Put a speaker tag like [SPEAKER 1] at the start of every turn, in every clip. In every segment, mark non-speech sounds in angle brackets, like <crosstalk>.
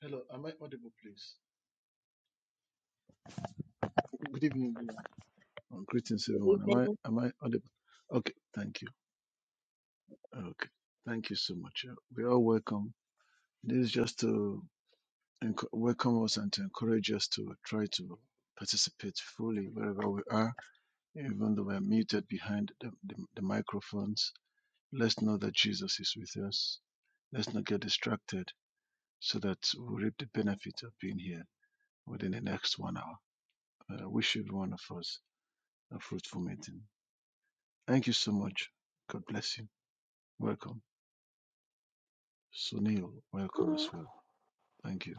[SPEAKER 1] Hello, am I audible, please? Good evening, everyone. Oh, greetings,
[SPEAKER 2] Good
[SPEAKER 1] everyone. Am I
[SPEAKER 2] evening.
[SPEAKER 1] am I audible? Okay, thank you. Okay, thank you so much. Uh, We are welcome. This is just to enc- welcome us and to encourage us to try to participate fully wherever we are, even though we are muted behind the, the, the microphones. Let's know that Jesus is with us. Let's not get distracted, so that we reap the benefit of being here within the next one hour. Uh, I wish every one of us a fruitful meeting. Thank you so much. God bless you. Welcome. Sunil, welcome as
[SPEAKER 3] Good
[SPEAKER 1] well. Thank you.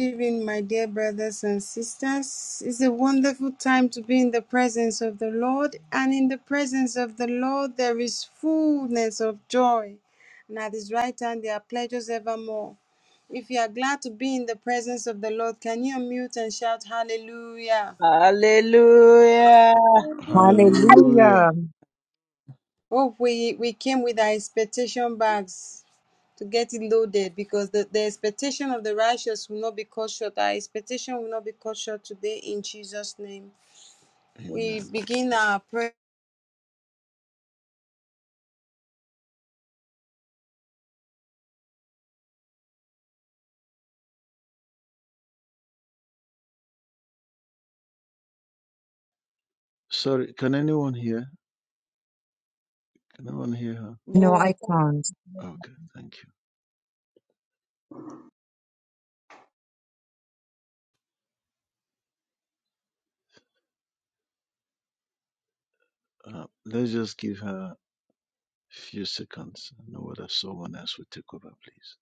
[SPEAKER 3] evening, my dear brothers and sisters. It's a wonderful time to be in the presence of the Lord, and in the presence of the Lord, there is fullness of joy, and at His right hand, there are pleasures evermore. If you are glad to be in the presence of the Lord, can you unmute and shout hallelujah?
[SPEAKER 2] Hallelujah.
[SPEAKER 1] Hallelujah.
[SPEAKER 4] Hallelujah.
[SPEAKER 3] Oh, we, we came with our expectation bags to get it loaded because the, the expectation of the righteous will not be cut short. Our expectation will not be cut short today in Jesus' name. We
[SPEAKER 1] Amen.
[SPEAKER 3] begin our prayer.
[SPEAKER 1] Sorry, can anyone hear? Can anyone hear her?
[SPEAKER 4] No,
[SPEAKER 2] not
[SPEAKER 4] I can't.
[SPEAKER 1] Okay, thank you. Uh, let's just give her a few seconds. I know whether someone else will take over, please.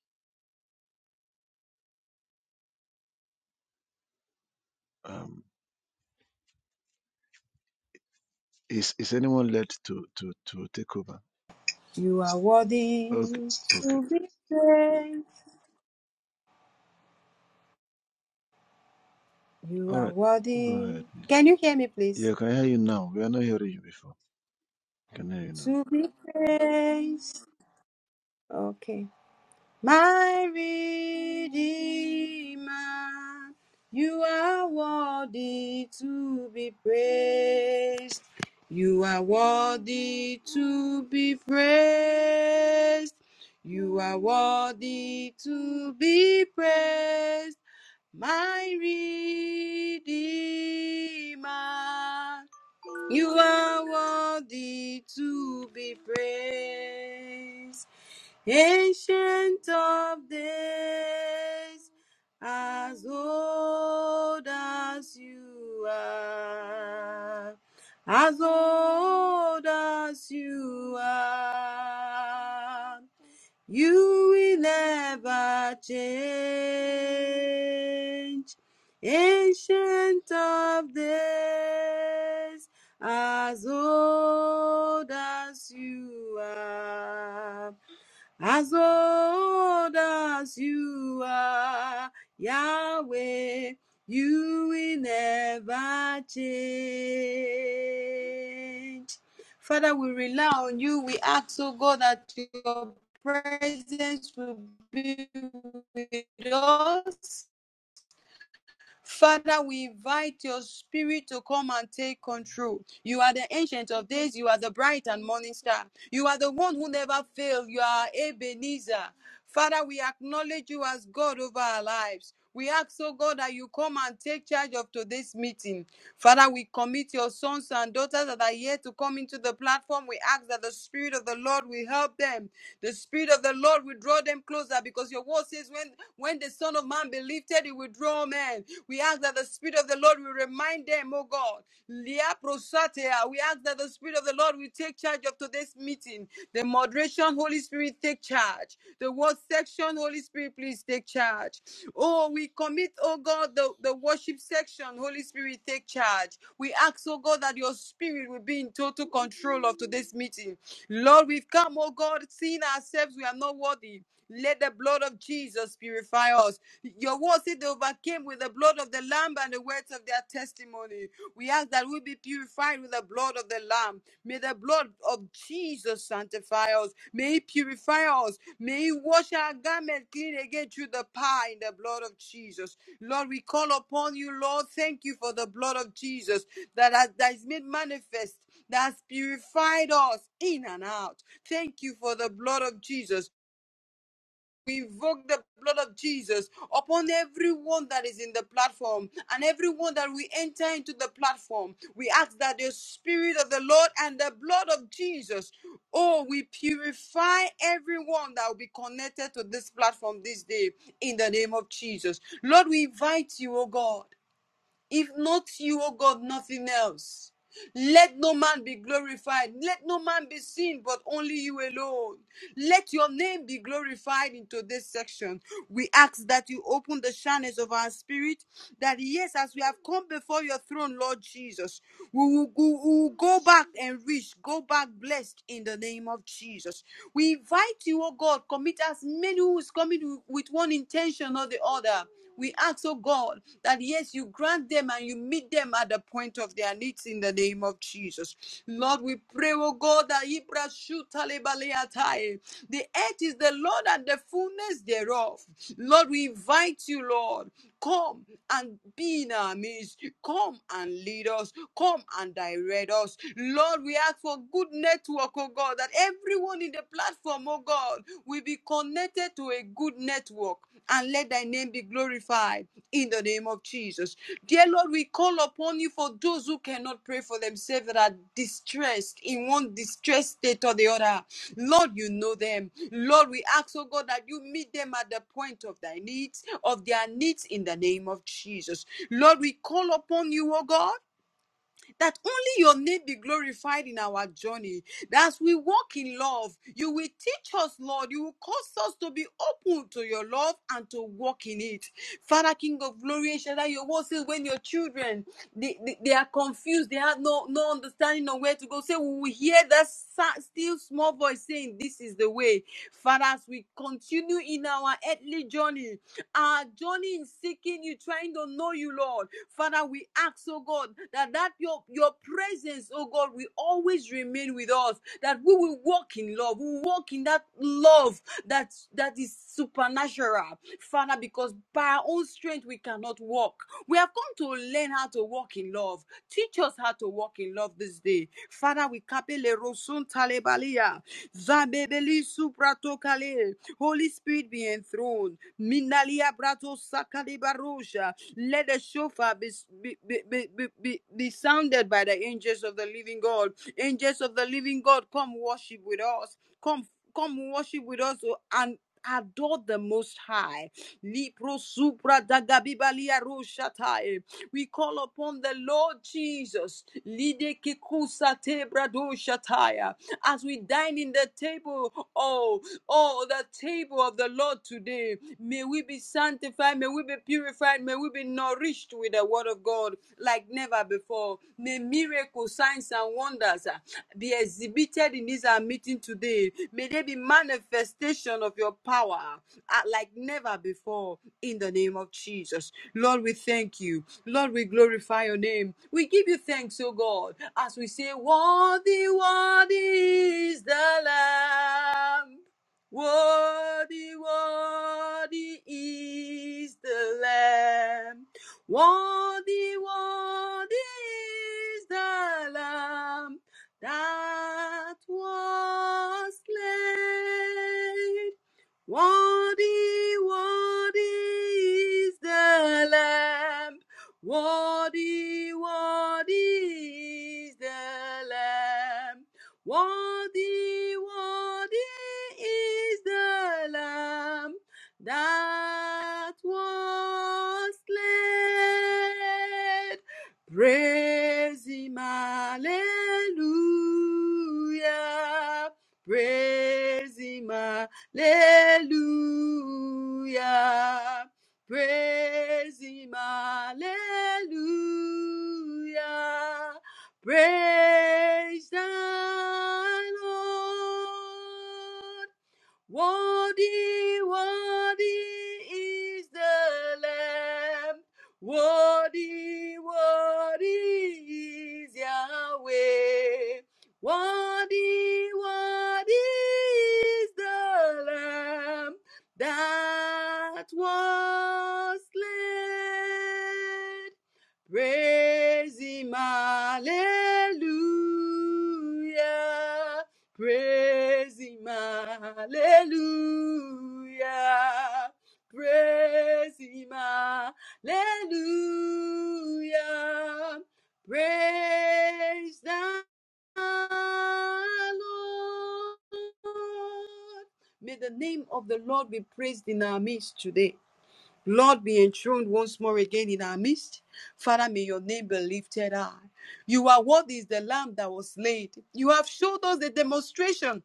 [SPEAKER 1] Um, is is anyone led to to to take over?
[SPEAKER 3] You are worthy
[SPEAKER 1] Okay, okay.
[SPEAKER 3] to be praised. You
[SPEAKER 1] All
[SPEAKER 3] are
[SPEAKER 1] right. Go
[SPEAKER 3] worthy.
[SPEAKER 1] ahead, miss.
[SPEAKER 3] Can you hear me, please?
[SPEAKER 1] Yeah, can I hear you now. We are not hearing you before. Can I hear you now.
[SPEAKER 3] To be praised. Okay. My Redeemer, you are worthy to be praised. You are worthy to be praised. You are worthy to be praised. my Redeemer. You are worthy to be praised, Ancient of Days, as old as you are, as old as you are. You will never change. Ancient of days, as old as you are. As old as you are, Yahweh, you will never change. Father, we rely on you. We ask, oh God, that your presence will be with us Father, we invite your spirit to come and take control. You are the ancient of days. You are the bright and morning star. You are the one who never fails. You are Ebenezer. Father, we acknowledge you as God over our lives. We ask, oh God, that you come and take charge of today's meeting. Father, we commit your sons and daughters that are here to come into the platform. We ask that the Spirit of the Lord will help them. The Spirit of the Lord will draw them closer because your word says, when, when the Son of Man be lifted, he will draw men. We ask that the Spirit of the Lord will remind them, oh God. Lia We ask that the Spirit of the Lord will take charge of today's meeting. The moderation, Holy Spirit, take charge charge. The word section, Holy Spirit, please take charge. Oh, we commit, oh God, the, the worship section, Holy Spirit, take charge. We ask, oh God, that your spirit will be in total control of today's meeting. Lord, we've come, oh God, seeing ourselves we are not worthy. Let the blood of Jesus purify us. Your word said they overcame with the blood of the Lamb and the words of their testimony testimony. We ask that we be purified with the blood of the Lamb. May the blood of Jesus sanctify us. May He purify us. May He wash our garment clean again through the power in the blood of Jesus. Lord, we call upon you, Lord. Thank you for the blood of Jesus that, has, that is made manifest, that has purified us in and out. Thank you for the blood of Jesus. We invoke the blood of Jesus upon everyone that is in the platform and everyone that we enter into the platform. We ask that the Spirit of the Lord and the blood of Jesus, oh, we purify everyone that will be connected to this platform this day in the name of Jesus. Lord, we invite you, oh God. If not you, O God, nothing else. Let no man be glorified. Let no man be seen, but only you alone. Let your name be glorified into this section. We ask that you open the channels of our spirit, that yes, as we have come before your throne, Lord Jesus, we will, we will go back enriched, go back blessed in the name of Jesus. We invite you, O God, commit as many who is coming with one intention or the other. We ask, oh God, that yes, you grant them and you meet them at the point of their needs in the name of Jesus. Lord, we pray, oh God, that Ibra Shutalebaleatai. the earth is the Lord and the fullness thereof. Lord, we invite you, Lord, come and be in our midst. Come and lead us. Come and direct us. Lord, we ask for good network, oh God, that everyone in the platform, oh God, we be connected to a good network and let thy name be glorified in the name of Jesus. Dear Lord, we call upon you for those who cannot pray for themselves that are distressed in one distressed state or the other. Lord, you know them. Lord, we ask, oh God, that you meet them at the point of thy needs, of their needs in the name of Jesus. Lord, we call upon you, oh God that only your name be glorified in our journey. That as we walk in love, you will teach us, Lord. You will cause us to be open to your love and to walk in it. Father, King of glory, El Shaddai, your word says when your children they, they, they are confused, they have no, no understanding of where to go. Say, we will hear that sa- still small voice saying, This is the way. Father, as we continue in our earthly journey, our journey in seeking you, trying to know you, Lord. Father, we ask, oh God, that, that your, your presence, oh God, will always remain with us. That we will walk in love. We will walk in that love that, that is supernatural. Father, because by our own strength we cannot walk. We have come to learn how to walk in love. Teach us how to walk in love this day. Father, we kapele rosun talebalia. Zabebeli supratokale. Holy Spirit be enthroned. Minalia brato sakalibarusha. Let the shofar be, be, be, be, be, be sounded by the angels of the living God. Angels of the living God, come worship with us. Come, come worship with us oh, and adore the most high. Lipro supra dagabibalia We call upon the Lord Jesus. Lide kikusa As we dine in the table Oh, oh, the table of the Lord today. May we be sanctified. May we be purified. May we be nourished with the word of God like never before. May miracles, signs, and wonders uh, be exhibited in this our meeting today. May there be manifestation of your power uh, like never before in the name of Jesus. Lord, we thank you. Lord, we glorify your name. We give you thanks, O God, as we say, Worthy, worthy is the Lamb. Worthy, worthy is the Lamb. Worthy, worthy is the Lamb that was slain. Worthy, worthy is the Lamb. Worthy, worthy is the Lamb. Worthy, worthy is the Lamb that was slain. Praise Him, Hallelujah. Praise Him, hallelujah. Hallelujah. Praise him. Hallelujah. Praise the Lord. Worthy, worthy is the Lamb. Worthy, worthy is Yahweh. Worthy, worthy is the Lamb that was slain. Praise him, hallelujah. Praise him, hallelujah. Praise him, hallelujah. Praise the Lord. May the name of the Lord be praised in our midst today. Lord, be enthroned once more again in our midst. Father, may your name be lifted high. You are what is the lamb that was laid. You have showed us the demonstration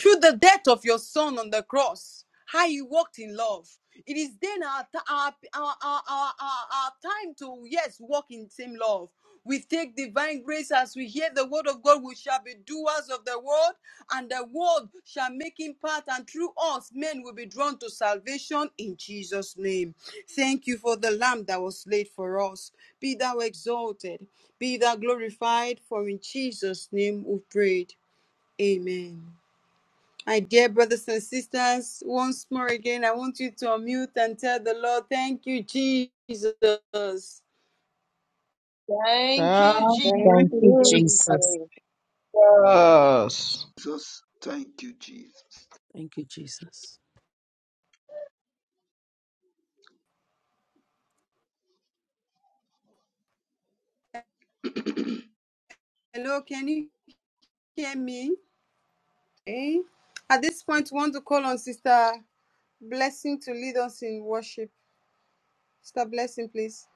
[SPEAKER 3] through the death of your son on the cross, how you walked in love. It is then our, our, our, our, our, our, our time to, yes, walk in same love. We take divine grace as we hear the word of God. We shall be doers of the word, and the word shall make him part. And through us, men will be drawn to salvation in Jesus' name. Thank you for the lamb that was laid for us. Be thou exalted, be thou glorified, for in Jesus' name we prayed. Amen. My dear brothers and sisters, once more again, I want you to unmute and tell the Lord, thank you, Jesus.
[SPEAKER 2] thank
[SPEAKER 5] God
[SPEAKER 2] you, Jesus.
[SPEAKER 6] Thank
[SPEAKER 5] is
[SPEAKER 4] Thank
[SPEAKER 6] you,
[SPEAKER 4] you,
[SPEAKER 5] with
[SPEAKER 4] Jesus.
[SPEAKER 6] Jesus.
[SPEAKER 7] Jesus, thank you, Jesus.
[SPEAKER 8] Thank you, Jesus.
[SPEAKER 3] Hello, can you hear me? Eh? At this point, we want to call on Sister Blessing to lead us in worship. Sister Blessing, please.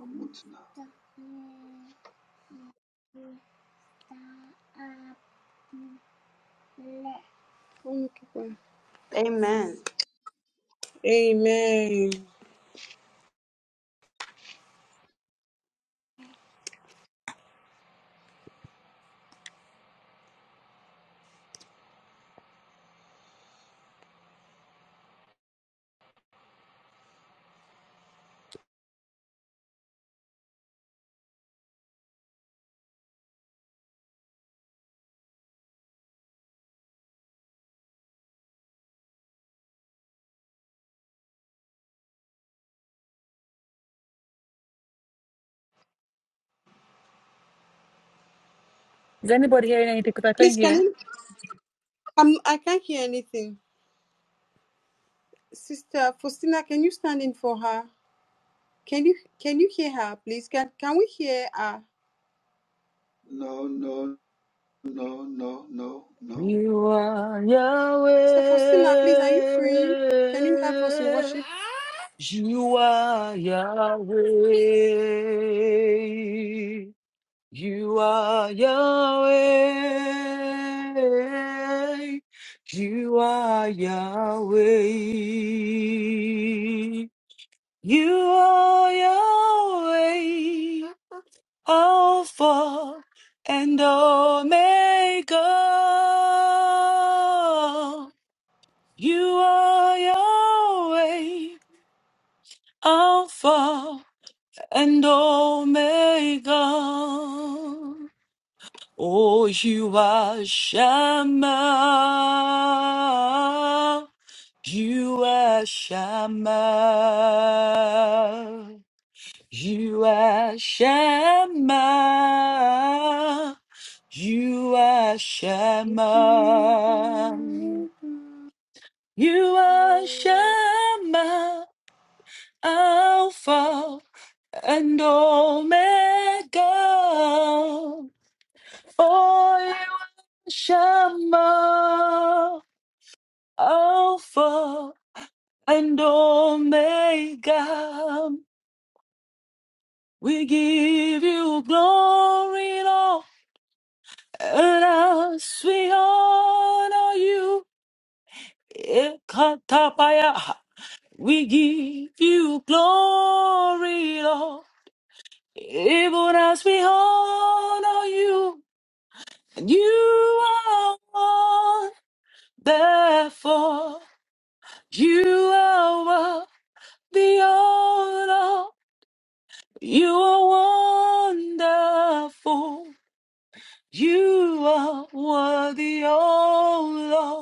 [SPEAKER 7] Amutna.
[SPEAKER 3] Oh, you keep on.
[SPEAKER 9] Amen.
[SPEAKER 3] Amen.
[SPEAKER 10] Is anybody hearing anything? Because I
[SPEAKER 3] Please,
[SPEAKER 10] can't
[SPEAKER 3] can
[SPEAKER 10] hear.
[SPEAKER 3] you? Um, I can't hear anything. Sister Faustina, can you stand in for her? Can you can you hear her, please? Can can we hear her?
[SPEAKER 7] No, no, no, no, no, no.
[SPEAKER 10] You are Yahweh.
[SPEAKER 3] Sister Faustina, please, are you free? Can you help us in worship?
[SPEAKER 10] You are Yahweh. You are Yahweh. You are Yahweh. You are Yahweh. Alpha and Omega. You are Yahweh, Alpha and Omega. Oh, you are Shammah. You are Shammah. You are Shema. You are
[SPEAKER 3] Would you?
[SPEAKER 10] Shema. You are Shema. Alpha and Omega. Oh, you are Shema. Alpha and Omega. We give you glory, Lord. And as we honor you, Ekatabaya, we give you glory, Lord. Even as we honor you, and you are one. Therefore, you are worth the honor. You are wonderful. You are worthy, oh Lord.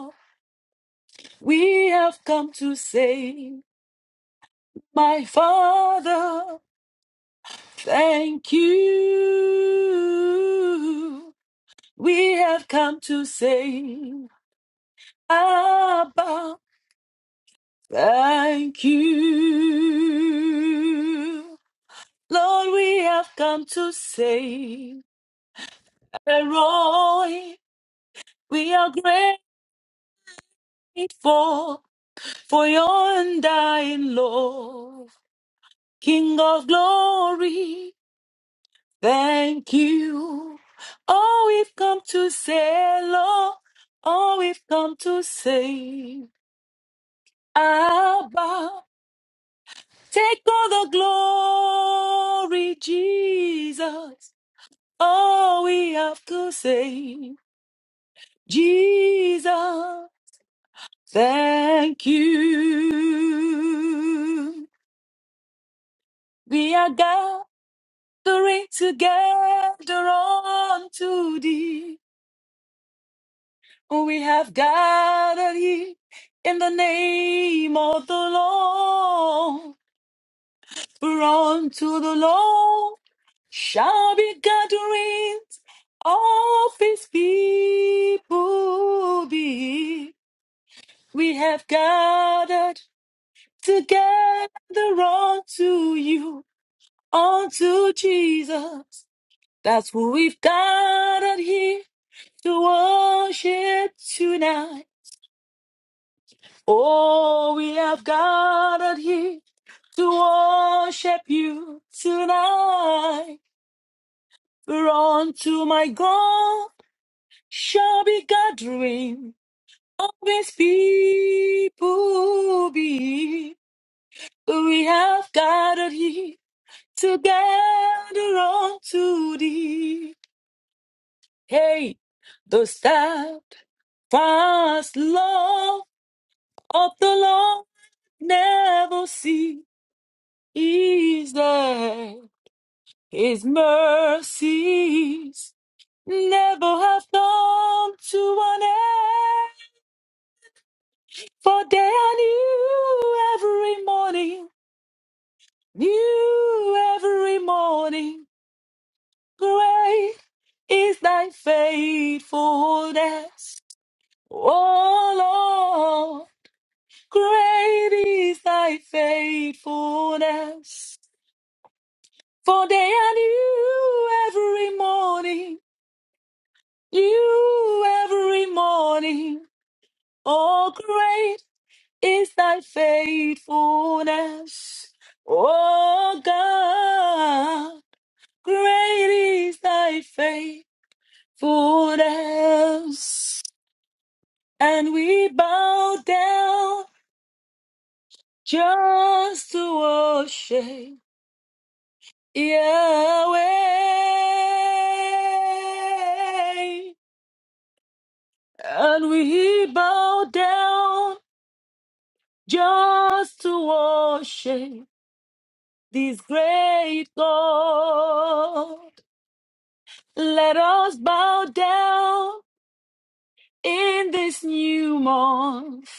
[SPEAKER 10] We have come to say, My Father, thank you. We have come to say, Abba, thank you. Lord, we have come to say, Elroy, we are grateful for your undying love. King of glory, Thank you. Oh, we've come to say, Lord, oh, we've come to say, Abba, take all the glory, Jesus. All we have to say, Jesus, thank you. We are gathering together unto thee. We have gathered here in the name of the Lord. For unto the Lord shall be gatherings of his people be. We have gathered together unto you, unto Jesus. That's who we've gathered here to worship tonight. Oh, we have gathered here to worship you tonight. For unto my God shall be gathering of his people be. We have gathered here together unto thee. Hey, the steadfast love of the Lord never ceases His mercies never have come to an end, for they are new every morning, new every morning. Great is thy faithfulness, O Lord. Great is thy faithfulness, for they are new every morning, new every morning. Oh, great is thy faithfulness. Oh, God, great is thy faithfulness. And we bow down just to worship Yahweh. And we bow down just to worship. This great God, let us bow down in this new month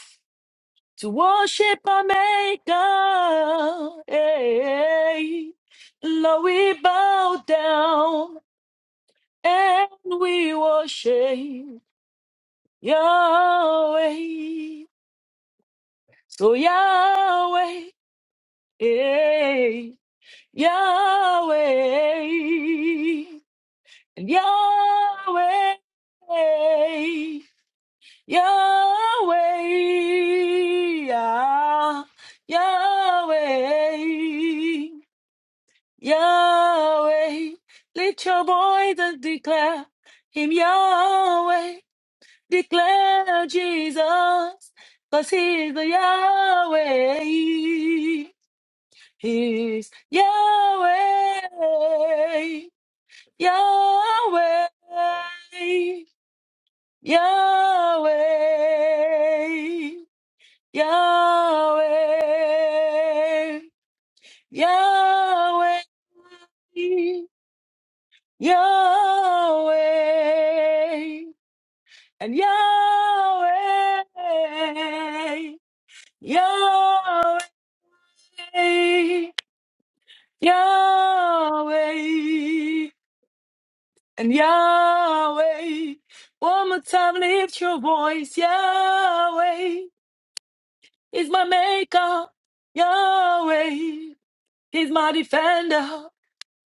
[SPEAKER 10] to worship our Maker. Hey, Lord, we bow down and we worship Yahweh. So Yahweh, hey, Yahweh. And Yahweh, Yahweh, ah, Yahweh, Yahweh. Let your voice and declare him Yahweh. Declare Jesus, cause he's the Yahweh. He's Yahweh, Yahweh. Yahweh, Yahweh, Yahweh, Yahweh, and Yahweh, Yahweh, Yahweh, and Yahweh. One more time, lift your voice, Yahweh. He's my maker, Yahweh. He's my defender,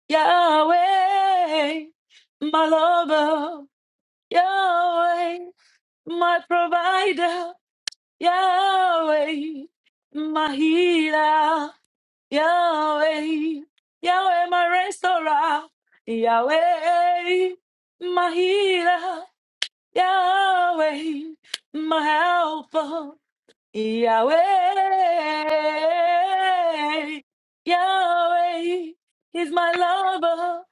[SPEAKER 10] Yahweh. My lover, Yahweh. My provider, Yahweh. My healer, Yahweh. Yahweh, my restorer, Yahweh. My healer, Yahweh. My helper, Yahweh, Yahweh is my lover.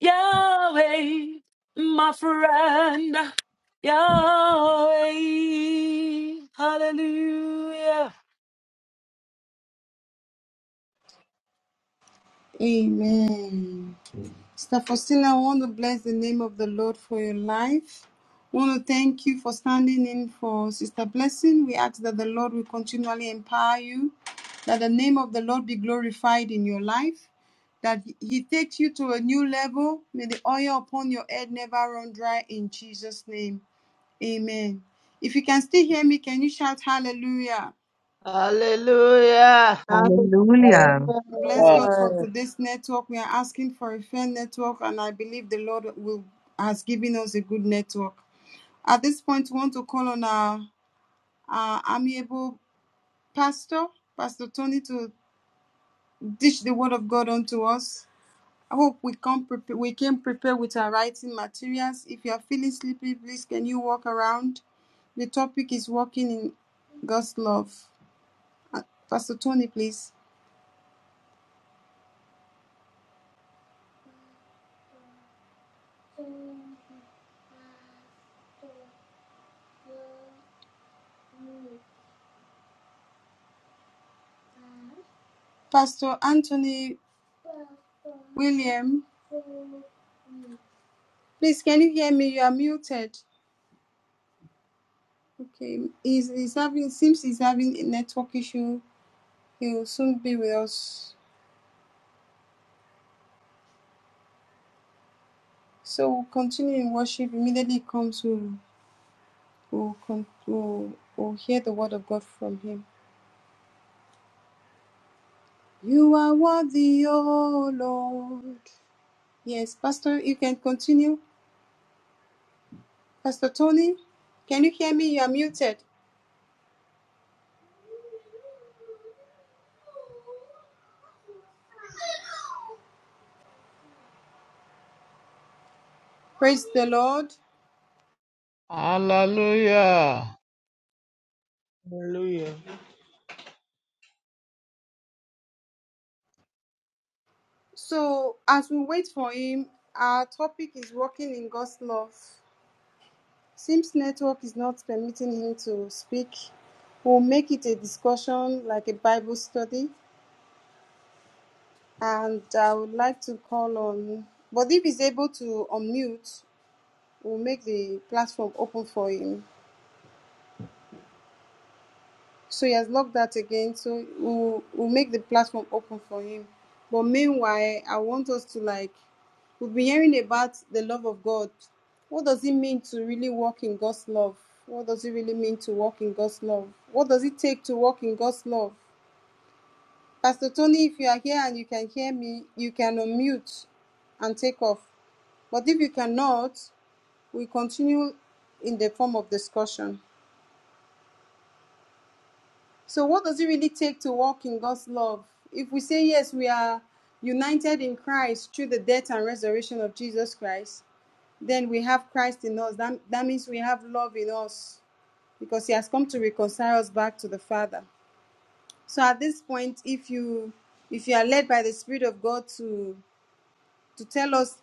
[SPEAKER 10] Yahweh, my friend. Yahweh, hallelujah.
[SPEAKER 3] Amen. Sister Faustina, I want to bless the name of the Lord for your life. I want to thank you for standing in for Sister Blessing. We ask that the Lord will continually empower you, that the name of the Lord be glorified in your life, that He takes you to a new level. May the oil upon your head never run dry in Jesus' name. Amen. If you can still hear me, can you shout hallelujah?
[SPEAKER 2] Hallelujah.
[SPEAKER 5] Hallelujah.
[SPEAKER 4] Hallelujah.
[SPEAKER 3] Bless God for
[SPEAKER 6] Hallelujah.
[SPEAKER 3] today's network. We are asking for a fair network, and I believe the Lord will has given us a good network. At this point, we want to call on our, our amiable pastor, Pastor Tony, to dish the word of God unto us. I hope we come prepare, we came prepared with our writing materials. If you are feeling sleepy, please can you walk around? The topic is walking in God's love. Uh, Pastor Tony, please. Pastor Anthony William. Please, can you hear me? You are muted. Okay. He's, he's having seems he's having a network issue. He will soon be with us. So we'll continue in worship. Immediately comes we'll, we'll, con- we'll, we'll hear the word of God from him. You are worthy, O Lord. Yes, Pastor, you can continue. Pastor Tony, can you hear me? You are muted. Praise the Lord.
[SPEAKER 5] Hallelujah.
[SPEAKER 11] Hallelujah.
[SPEAKER 3] So as we wait for him, our topic is walking in God's love. Since network is not permitting him to speak, we'll make it a discussion like a Bible study. And I would like to call on, but if he's able to unmute, we'll make the platform open for him. So he has locked that again. So we'll, we'll make the platform open for him. But meanwhile, I want us to like, we've been hearing about the love of God. What does it mean to really walk in God's love? What does it really mean to walk in God's love? What does it take to walk in God's love? Pastor Tony, if you are here and you can hear me, you can unmute and take off. But if you cannot, we continue in the form of discussion. So, what does it really take to walk in God's love? If we say yes, we are united in Christ through the death and resurrection of Jesus Christ, then we have Christ in us. That, that means we have love in us because He has come to reconcile us back to the Father. So, at this point, if you if you are led by the Spirit of God to to tell us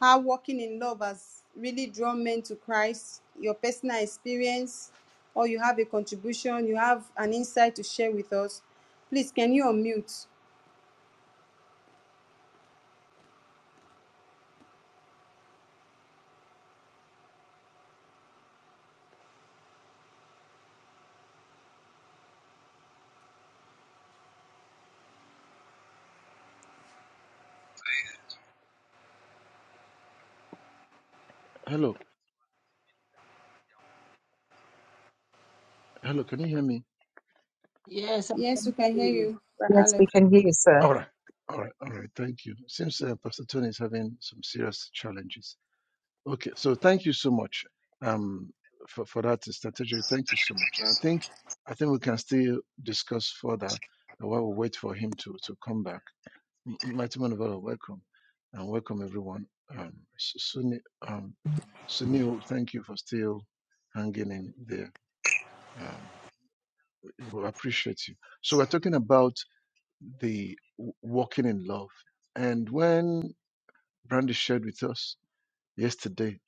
[SPEAKER 3] how walking in love has really drawn men to Christ, your personal experience, or you have a contribution, you have an insight to share with us. Please, can you unmute?
[SPEAKER 1] Hello, hello. Can you hear me?
[SPEAKER 2] Yes, I
[SPEAKER 3] Yes, we
[SPEAKER 2] can hear
[SPEAKER 3] can hear
[SPEAKER 2] you.
[SPEAKER 3] you, Brother
[SPEAKER 4] Yes, we
[SPEAKER 3] Alex.
[SPEAKER 4] can hear you, sir.
[SPEAKER 1] All right. All right. All right. Thank you. Seems uh, Pastor Tony is having some serious challenges. Okay. So thank you so much um, for, for that strategy. Thank you so much. And I think I think we can still discuss further while we wait for him to, to come back. M- Mighty man of God, welcome. And welcome everyone. Um, Su- um, Sunil, thank you for still hanging in there. Um, we we appreciate you. So we're talking about the w- walking in love. And when Brandy shared with us yesterday,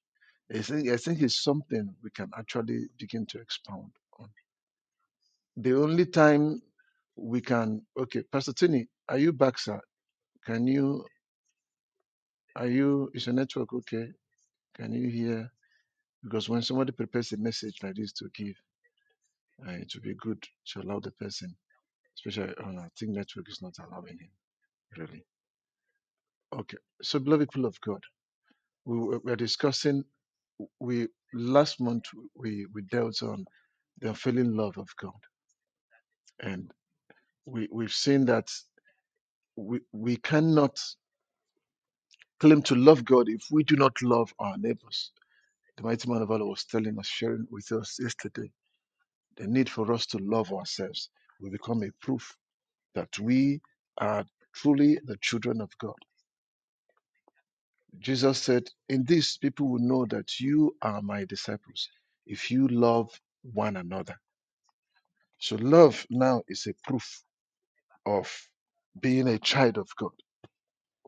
[SPEAKER 1] I think, I think it's something we can actually begin to expound on. The only time we can, okay, Pastor Tini, are you back, sir? Can you, are you, is your network okay? Can you hear? Because when somebody prepares a message like this to give, uh, it would be good to allow the person, especially, oh no, I think network is not allowing him, really. Okay, so beloved people of God, we were, we're discussing we last month we we dealt on the unfailing love of God, and we we've seen that we we cannot claim to love God if we do not love our neighbors. The mighty man of Allah was telling us, sharing with us yesterday, the need for us to love ourselves will become a proof that we are truly the children of God. Jesus said, "In this, people will know that you are my disciples, if you love one another." So love now is a proof of being a child of God.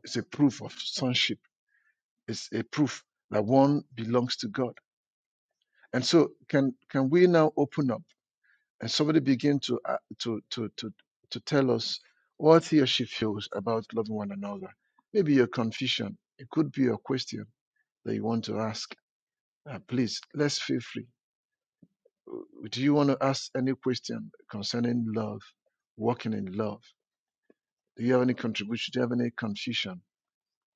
[SPEAKER 1] It's a proof of sonship. It's a proof that one belongs to God. And so, can can we now open up and somebody begin to uh, to to to to tell us what he or she feels about loving one another? Maybe your confusion. It could be a question that you want to ask. Uh, please, let's feel free. Uh, Do you want to ask any question concerning love, walking in love? Do you have any contribution? Do you have any confusion?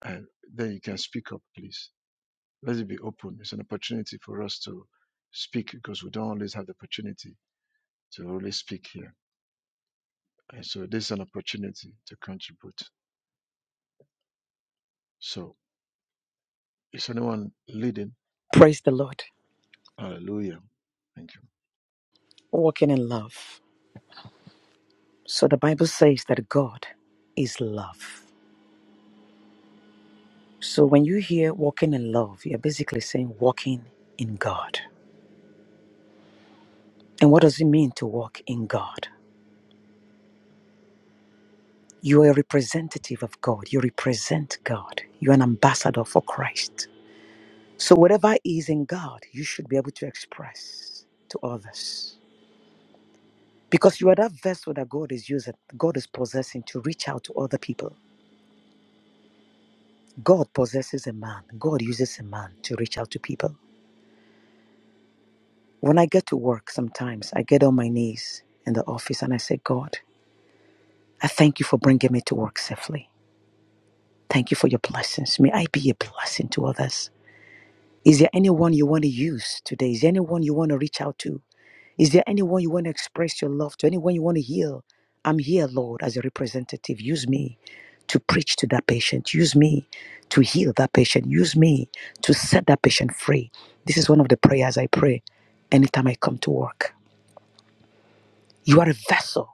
[SPEAKER 1] and then you can speak up, please. Let it be open. It's an opportunity for us to speak because we don't always have the opportunity to really speak here. And so this is an opportunity to contribute. So is anyone leading?
[SPEAKER 8] Praise the Lord.
[SPEAKER 1] Hallelujah. Thank you.
[SPEAKER 8] Walking in love. So the Bible says that God is love. So when you hear walking in love, you're basically saying walking in God. And what does it mean to walk in God? You are a representative of God. You represent God. You're an ambassador for Christ. So whatever is in God, you should be able to express to others. Because you are that vessel that God is using, God is possessing to reach out to other people. God possesses a man. God uses a man to reach out to people. When I get to work, sometimes I get on my knees in the office and I say, God, I thank you for bringing me to work safely. Thank you for your blessings. May I be a blessing to others. Is there anyone you want to use today? Is there anyone you want to reach out to? Is there anyone you want to express your love to? Anyone you want to heal? I'm here, Lord, as a representative. Use me to preach to that patient. Use me to heal that patient. Use me to set that patient free. This is one of the prayers I pray anytime I come to work. You are a vessel.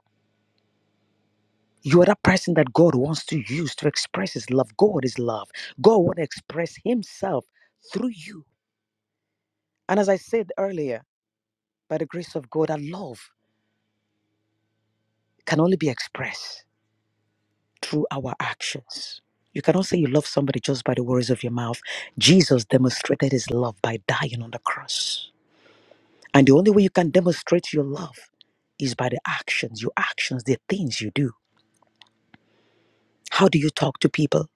[SPEAKER 8] You are that person that God wants to use to express His love. God is love. God wants to express Himself through you. And as I said earlier, by the grace of God, our love can only be expressed. through our actions. You cannot say you love somebody just by the words of your mouth. Jesus demonstrated his love by dying on the cross. And the only way you can demonstrate your love is by the actions, your actions, the things you do. How do you talk to people?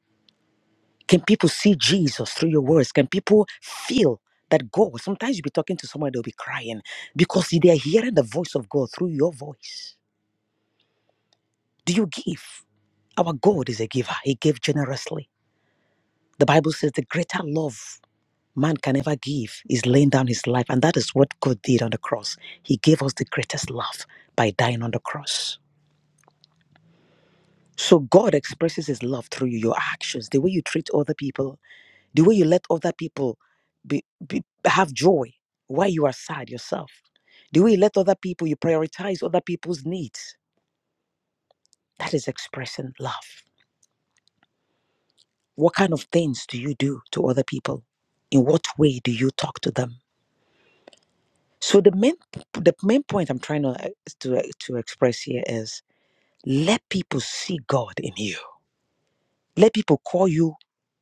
[SPEAKER 8] Can people see Jesus through your words? Can people feel that God? Sometimes you'll be talking to someone, they'll be crying because they're hearing the voice of God through your voice. Do you give? Our God is a giver, He gave generously. The Bible says the greater love. man can never give is laying down his life. And that is what God did on the cross. He gave us the greatest love by dying on the cross. So God expresses his love through you, your actions, the way you treat other people, the way you let other people be, be, have joy while you are sad yourself, the way you let other people, you prioritize other people's needs. That is expressing love. What kind of things do you do to other people? In what way do you talk to them? So the main the main point I'm trying to uh, to uh, to express here is let people see God in you. Let people call you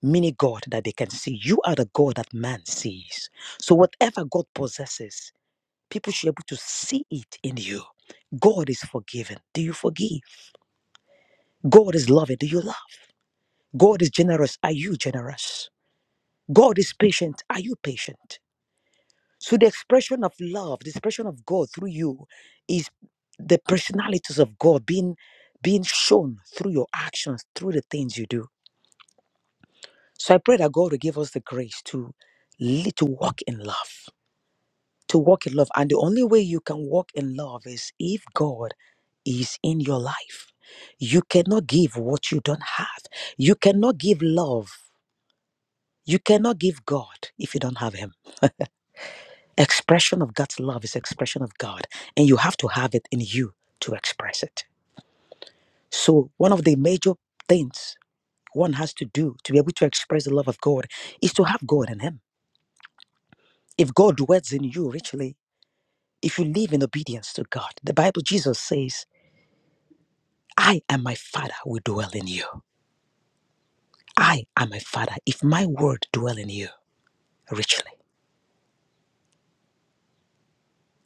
[SPEAKER 8] mini God that they can see. You are the God that man sees. So whatever God possesses, people should be able to see it in you. God is forgiving. Do you forgive? God is loving. Do you love? God is generous. Are you generous? God is patient. Are you patient? So the expression of love, the expression of God through you is the personalities of God being being shown through your actions, through the things you do. So I pray that God will give us the grace to li- to walk in love, to walk in love. And the only way you can walk in love is if God is in your life. You cannot give what you don't have. You cannot give love. You cannot give God if you don't have him. Expression of that love is expression of God, and you have to have it in you to express it. So one of the major things one has to do to be able to express the love of God is to have God in him. If God dwells in you richly, if you live in obedience to God, the Bible Jesus says, I and my Father will dwell in you. I and my Father, if my word dwell in you richly.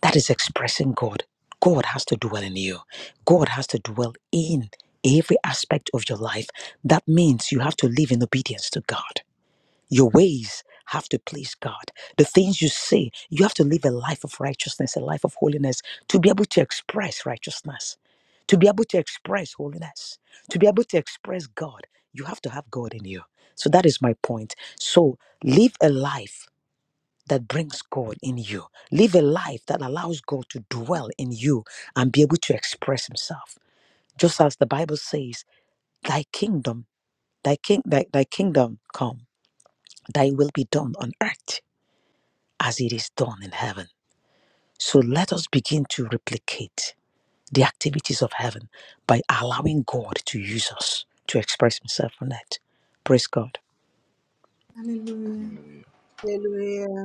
[SPEAKER 8] That is expressing God. God has to dwell in you. God has to dwell in every aspect of your life. That means you have to live in obedience to God. Your ways have to please God. The things you say, you have to live a life of righteousness, a life of holiness to be able to express righteousness, to be able to express holiness, to be able to express God. You have to have God in you. So that is my point. So live a life that brings God in you. Live a life that allows God to dwell in you and be able to express himself. Just as the Bible says, thy kingdom, thy king thy, thy kingdom come, thy will be done on earth as it is done in heaven. So let us begin to replicate the activities of heaven by allowing God to use us to express himself on earth. Praise God.
[SPEAKER 3] Hallelujah.
[SPEAKER 1] Hallelujah.
[SPEAKER 2] Hallelujah.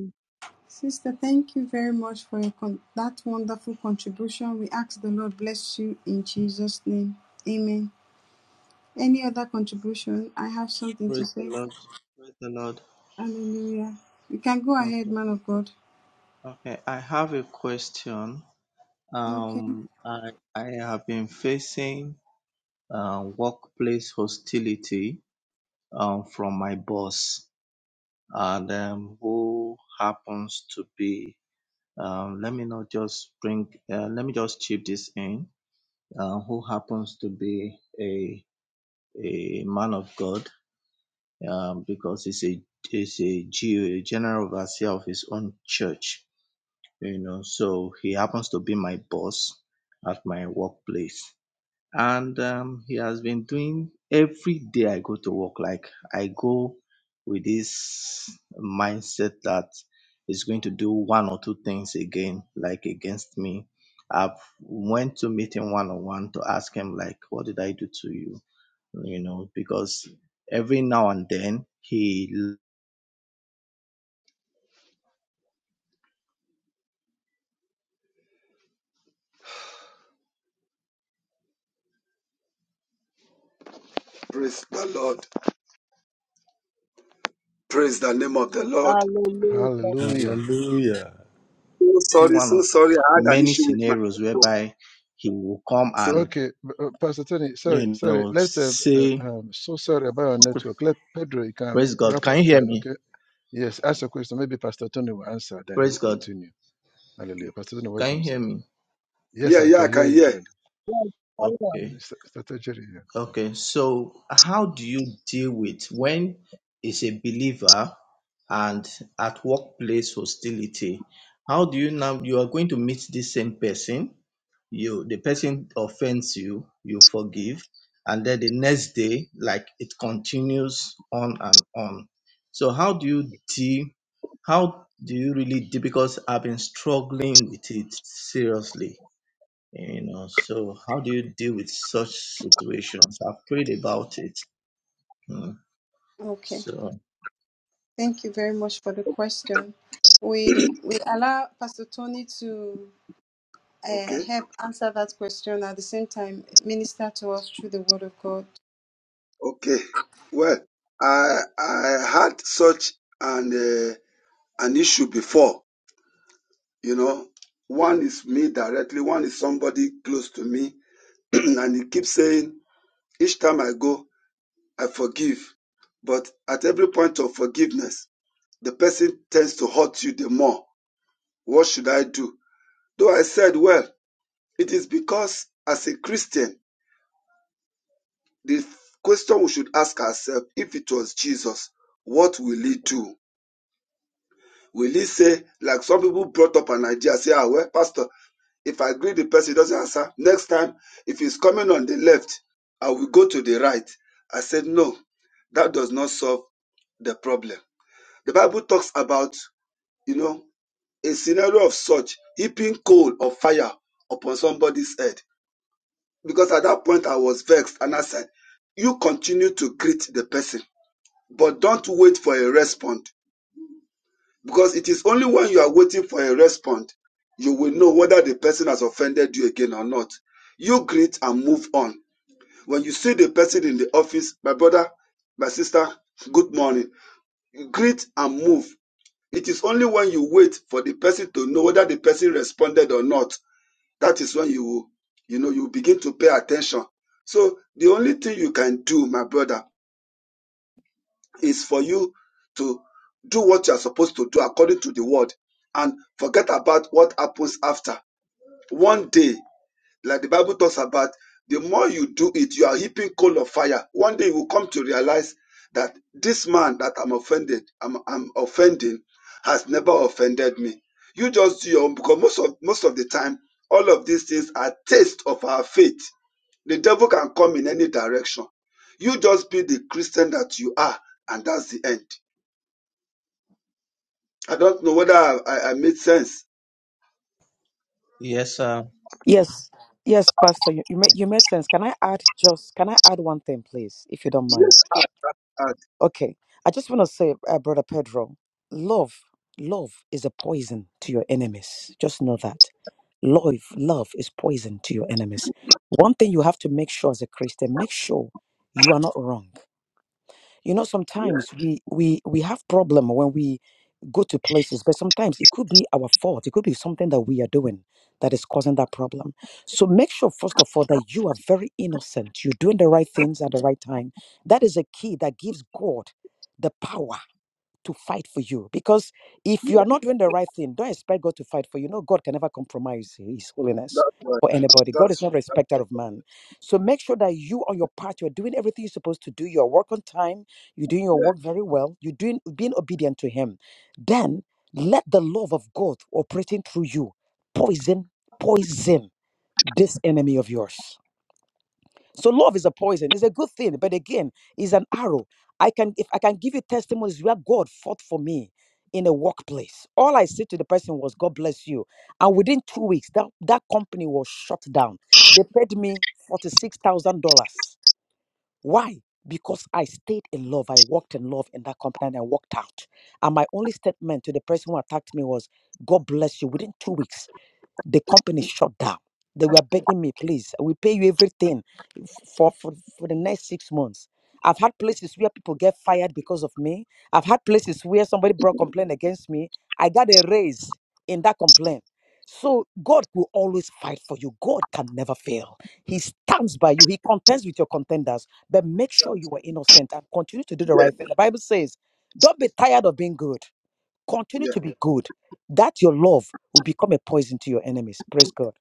[SPEAKER 3] Sister, thank you very much for your con- that wonderful contribution. We ask the Lord bless you in Jesus' name. Amen. Any other contribution? I have something to
[SPEAKER 12] Praise the
[SPEAKER 3] say.
[SPEAKER 12] Lord. Praise the Lord.
[SPEAKER 3] Hallelujah. You can go ahead,
[SPEAKER 12] Okay.
[SPEAKER 3] man of God.
[SPEAKER 12] Okay. I have a question.
[SPEAKER 3] Okay.
[SPEAKER 12] Um, I I have been facing uh, workplace hostility um, from my boss, and um, who happens to be um, let me not just bring uh, let me just chip this in. Uh, who happens to be a a man of God um, because he's a he's a G O, a general overseer of his own church you know. So he happens to be my boss at my workplace. And um, he has been doing every day I go to work, like I go with this mindset that he's going to do one or two things again, like against me. I've went to meet him one on one to ask him like, what did I do to you? You know, because every now and then he
[SPEAKER 7] Praise the Lord. Praise the name of the Lord.
[SPEAKER 2] Hallelujah.
[SPEAKER 1] Hallelujah.
[SPEAKER 13] Hallelujah.
[SPEAKER 7] So sorry,
[SPEAKER 12] one
[SPEAKER 7] so
[SPEAKER 12] of
[SPEAKER 7] sorry. I had an
[SPEAKER 12] many
[SPEAKER 7] issue with my
[SPEAKER 12] scenarios
[SPEAKER 7] phone.
[SPEAKER 12] whereby he will come
[SPEAKER 7] So
[SPEAKER 12] and
[SPEAKER 1] Okay, uh, Pastor Tony, sorry,
[SPEAKER 12] you
[SPEAKER 1] sorry.
[SPEAKER 12] know,
[SPEAKER 1] Let uh, uh,
[SPEAKER 12] say,
[SPEAKER 1] um, so sorry about our network. Let Pedro, you can
[SPEAKER 12] Praise God.
[SPEAKER 1] wrap
[SPEAKER 12] Can
[SPEAKER 1] up
[SPEAKER 12] you
[SPEAKER 1] then,
[SPEAKER 12] hear me?
[SPEAKER 1] okay? Yes, ask a question. Maybe Pastor Tony will answer, then he
[SPEAKER 12] Praise
[SPEAKER 1] will
[SPEAKER 12] God.
[SPEAKER 1] continue. Hallelujah. Pastor Tony,
[SPEAKER 12] Can
[SPEAKER 1] welcome,
[SPEAKER 12] you hear
[SPEAKER 1] sir.
[SPEAKER 12] me?
[SPEAKER 1] Yes,
[SPEAKER 7] yeah,
[SPEAKER 1] I
[SPEAKER 7] yeah, I
[SPEAKER 1] can
[SPEAKER 7] can
[SPEAKER 1] hear you
[SPEAKER 7] hear.
[SPEAKER 1] clearly.
[SPEAKER 2] Yes, Hallelujah.
[SPEAKER 12] Okay.
[SPEAKER 1] Sta- Strategy, yeah. Thank
[SPEAKER 12] Okay, so how do you deal with when is a believer and at workplace hostility? How do you now you are going to meet this same person? You the person offends you, you forgive, and then the next day, like it continues on and on. So how do you deal? How do you really deal? Because I've been struggling with it seriously you know, so how do you deal with such situations? I've prayed about it. Hmm.
[SPEAKER 3] Okay.
[SPEAKER 12] So,
[SPEAKER 3] Thank you very much for the question. We we allow Pastor Tony to uh,
[SPEAKER 7] Okay,
[SPEAKER 3] help answer that question at the same time minister to us through the Word of God.
[SPEAKER 7] okay. Well, I I had such an uh, an issue before. You know, one is me directly, one is somebody close to me, <clears throat> and he keeps saying each time I go. I forgive. But at every point of forgiveness, the person tends to hurt you the more. What should I do? Though I said, well, it is because as a Christian, the question we should ask ourselves if it was Jesus, what will he do? Will he say, like some people brought up an idea, say, ah, well, Pastor, if I agree the person doesn't answer, next time, if he's coming on the left, I will go to the right. I said, no, that does not solve the problem. The Bible talks about You know, a scenario of such heaping coal or fire upon somebody's head. Because at that point I was vexed and I said, You continue to greet the person, but don't wait for a response. Because it is only when you are waiting for a response you will know whether the person has offended you again or not. You greet and move on. When you see the person in the office, my brother, my sister, good morning. You greet and move. It is only when you wait for the person to know whether the person responded or not that is when you you know, you begin to pay attention. So the only thing you can do, my brother, is for you to do what you are supposed to do according to the word and forget about what happens after. One day like the Bible talks about, the more you do it, you are heaping coal of fire. One day you will come to realize that this man that I'm offended, I'm, I'm offending, has never offended me. You just do your own because most of most of the time, all of these things are taste of our faith. The devil can come in any direction. You just be the Christian that you are, and that's the end. I don't know whether I, I, I made sense.
[SPEAKER 12] yes, sir.
[SPEAKER 8] Yes, yes, Pastor, you, you made you made sense. Can I add just can I add one thing, please, if you don't mind?
[SPEAKER 7] And
[SPEAKER 8] Okay. I just want to say, uh, Brother Pedro, love, love is a poison to your enemies. Just know that. Love, love is poison to your enemies. One thing you have to make sure as a Christian, make sure you are not wrong. You know, sometimes we we we have problem when we go to places, but sometimes it could be our fault. It could be something that we are doing that is causing that problem. So make sure first of all that you are very innocent. You're doing the right things at the right time. That is a key that gives God the power to fight for you because if you are not doing the right thing, don't expect God to fight for you. No, God can never compromise His holiness for anybody. God is
[SPEAKER 7] that's
[SPEAKER 8] not a respecter of man. So make sure that you, on your part, you're doing everything you're supposed to do. Your work on time. You're doing your work very well. You're doing being obedient to Him. Then let the love of God operating through you poison poison this enemy of yours so love is a poison. It's a good thing, but again, it's an arrow. I can if I can give you testimonies where God fought for me in a workplace. All I said to the person was, God bless you. And within two weeks, that, that company was shut down. They paid me $46,000. Why? Because I stayed in love. I walked in love in that company and I walked out. And my only statement to the person who attacked me was, God bless you. Within two weeks, the company shut down. They were begging me, please, we pay you everything for, for for the next six months. I've had places where people get fired because of me. I've had places where somebody brought complaint against me. I got a raise in that complaint. So God will always fight for you. God can never fail. He stands by you. He contends with your contenders. But make sure you are innocent and continue to do the
[SPEAKER 7] yeah,
[SPEAKER 8] right thing. The Bible says, don't be tired of being good. Continue
[SPEAKER 7] yeah.
[SPEAKER 8] to be good. That your love will become a poison to your enemies. Praise God.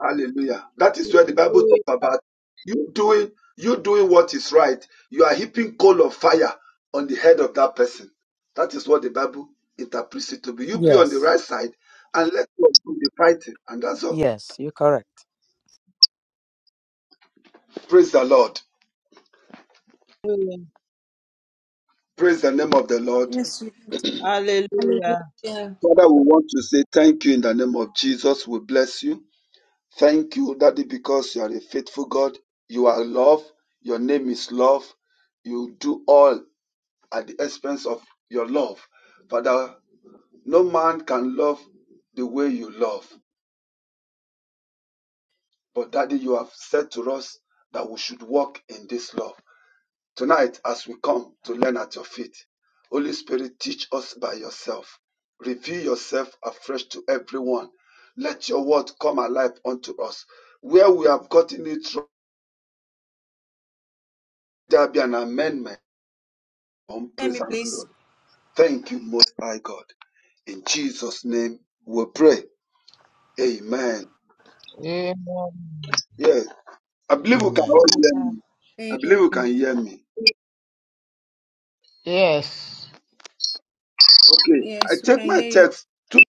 [SPEAKER 7] Hallelujah. That is where the Bible talks about you doing you doing what is right. You are heaping coal of fire on the head of that person. That is what the Bible interprets it to be. You be on the
[SPEAKER 8] Yes.
[SPEAKER 7] right side and let God do the fighting. And that's all.
[SPEAKER 8] Yes, you're correct.
[SPEAKER 7] Praise the Lord.
[SPEAKER 2] Hallelujah.
[SPEAKER 7] Praise the name of the Lord.
[SPEAKER 3] Yes, we can.
[SPEAKER 2] Hallelujah.
[SPEAKER 3] Hallelujah.
[SPEAKER 7] Father, we want to say thank you in the name of Jesus. We bless you. Thank you, Daddy, because you are a faithful God. You are love. Your name is love. You do all at the expense of your love. Father, no man can love the way you love. But Daddy, you have said to us that we should walk in this love. Tonight, as we come to learn at your feet, Holy Spirit, teach us by yourself. Reveal yourself afresh to everyone. Let your word come alive unto us. Where we have gotten it wrong, there be an amendment on
[SPEAKER 3] Hear
[SPEAKER 7] praise
[SPEAKER 3] me,
[SPEAKER 7] and
[SPEAKER 3] please.
[SPEAKER 7] glory. Thank you, Most High God. In Jesus' name we pray. Amen.
[SPEAKER 5] Amen.
[SPEAKER 7] Yes. I believe we can
[SPEAKER 12] Amen.
[SPEAKER 7] all hear me. I believe you can
[SPEAKER 3] Amen.
[SPEAKER 7] hear me.
[SPEAKER 5] Yes.
[SPEAKER 7] Okay. I
[SPEAKER 3] Yes, we
[SPEAKER 7] take
[SPEAKER 3] can
[SPEAKER 7] my
[SPEAKER 3] hear
[SPEAKER 7] text. Two-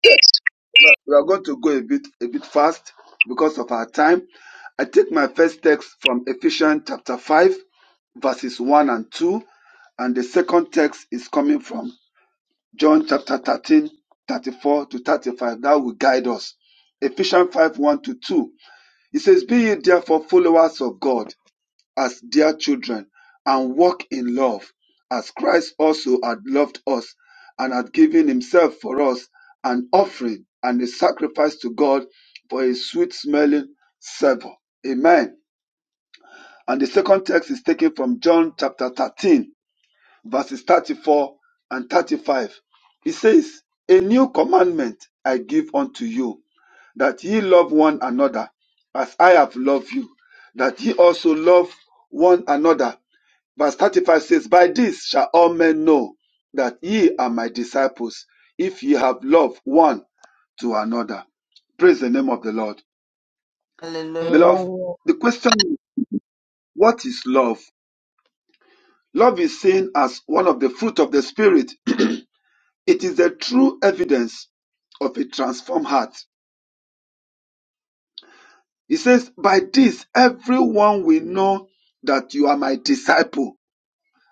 [SPEAKER 7] We are going to go a bit a bit fast because of our time. I take my first text from Ephesians chapter 5, verses 1 and 2. And the second text is coming from John chapter 13, 34 to 35. That will guide us. Ephesians 5, 1 to 2. It says, Be ye therefore followers of God as dear children and walk in love, as Christ also had loved us and had given himself for us an offering and a sacrifice to God for a sweet smelling savour. Amen. And the second text is taken from John chapter 13, verses 34 and 35. It says, A new commandment I give unto you, that ye love one another as I have loved you, that ye also love one another. Verse 35 says, By this shall all men know that ye are my disciples, if ye have love one to another. Praise the name of the Lord.
[SPEAKER 2] Hallelujah.
[SPEAKER 7] Beloved,
[SPEAKER 5] Hallelujah.
[SPEAKER 7] the question is, what is love? Love is seen as one of the fruit of the Spirit. <clears throat> It is the true evidence of a transformed heart. He says, By this everyone will know that you are my disciple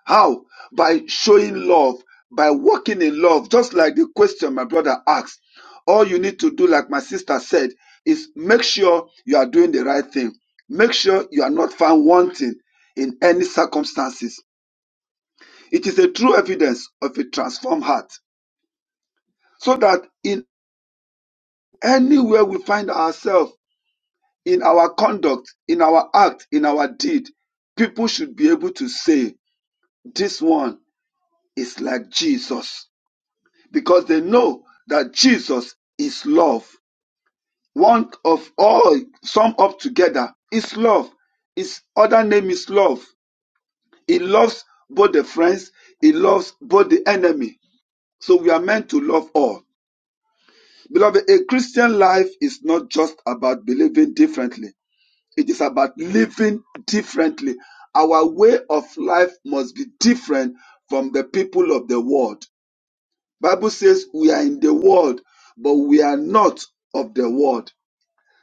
[SPEAKER 7] How? By showing love, by walking in love, just like the question my brother asked. All you need to do, like my sister said, is make sure you are doing the right thing. Make sure you are not found wanting in any circumstances. It is a true evidence of a transformed heart. So that in anywhere we find ourselves, in our conduct, in our act, in our deed, people should be able to say, This one is like Jesus. because they know that Jesus is love. One of all sum up together is love. His other name is love. He loves both the friends, he loves both the enemy. So we are meant to love all. Beloved, a Christian life is not just about believing differently. It is about living differently. Our way of life must be different from the people of the world. Bible says we are in the world, but we are not of the world.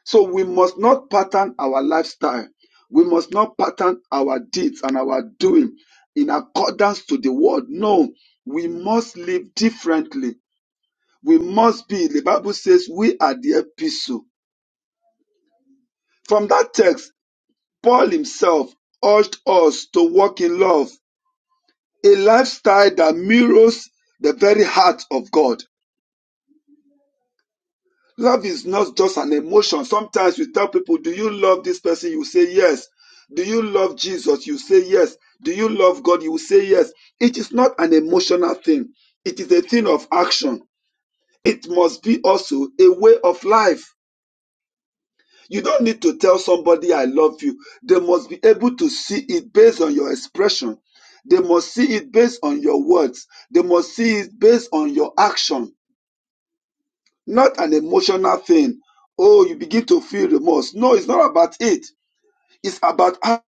[SPEAKER 7] So we must not pattern our lifestyle. We must not pattern our deeds and our doing in accordance to the world. No, we must live differently. We must be, the Bible says, we are the epistle. From that text, Paul himself urged us to walk in love, a lifestyle that mirrors the very heart of God. Love is not just an emotion. Sometimes you tell people, Do you love this person? You say yes. Do you love Jesus? You say yes. Do you love God? You say yes. It is not an emotional thing, it is a thing of action. It must be also a way of life. You don't need to tell somebody, I love you. They must be able to see it based on your expression. They must see it based on your words. They must see it based on your action not an emotional thing. Oh, you begin to feel remorse. No, it's not about it. It's about how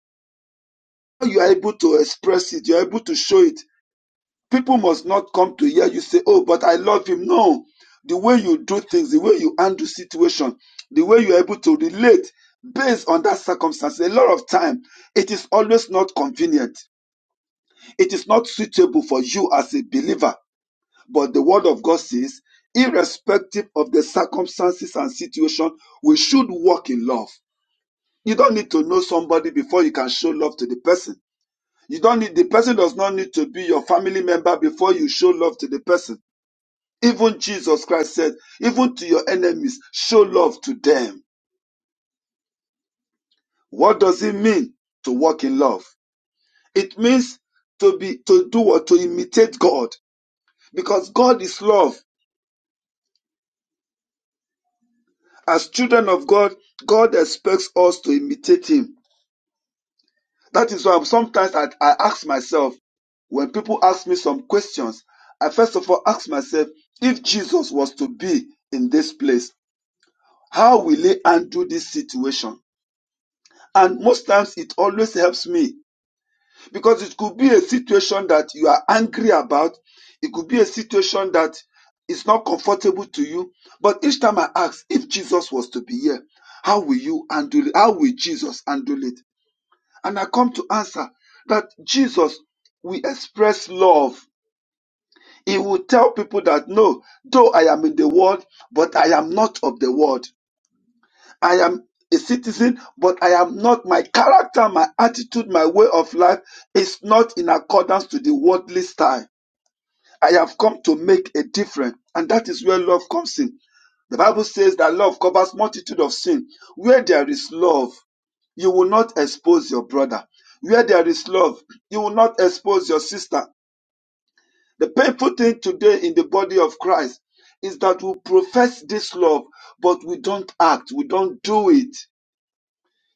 [SPEAKER 7] you are able to express it. You're able to show it. People must not come to hear you say, Oh, but I love him. No. The way you do things, the way you handle situation, the way you're able to relate based on that circumstance, a lot of time, it is always not convenient. It is not suitable for you as a believer But the word of God says, irrespective of the circumstances and situation, we should walk in love. You don't need to know somebody before you can show love to the person. You don't need, the person does not need to be your family member before you show love to the person. Even Jesus Christ said, even to your enemies, show love to them. What does it mean to walk in love? It means to be, to do or to imitate God because God is love. As children of God, God expects us to imitate Him. That is why sometimes I, I ask myself, when people ask me some questions, I first of all ask myself, if Jesus was to be in this place, how will he undo this situation? And most times it always helps me Because it could be a situation that you are angry about. It could be a situation that is not comfortable to you. But each time I ask, if Jesus was to be here, how will you handle it? How will Jesus handle it? And I come to answer that Jesus will express love. He will tell people that no, though I am in the world, but I am not of the world. I am a citizen, but I am not, my character, my attitude, my way of life is not in accordance to the worldly style. I have come to make a difference, and that is where love comes in. The Bible says that love covers multitude of sin. Where there is love, you will not expose your brother. Where there is love, you will not expose your sister. The painful thing today in the body of Christ is that we profess this love, but we don't act, we don't do it.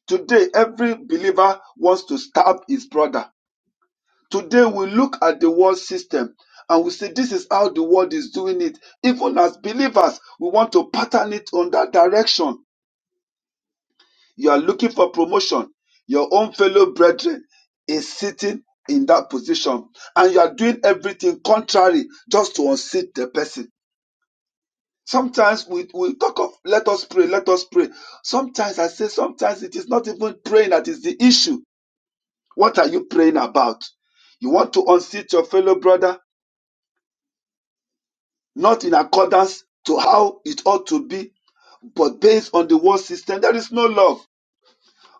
[SPEAKER 7] Today, every believer wants to stab his brother. Today, we look at the world system and we say, This is how the world is doing it. Even as believers, we want to pattern it on that direction. You are looking for promotion. Your own fellow brethren is sitting in that position and you are doing everything contrary just to unseat the person. Sometimes we, we talk of let us pray, let us pray. Sometimes I say, sometimes it is not even praying that is the issue What are you praying about? You want to unseat your fellow brother, not in accordance to how it ought to be, but based on the world system. There is no love.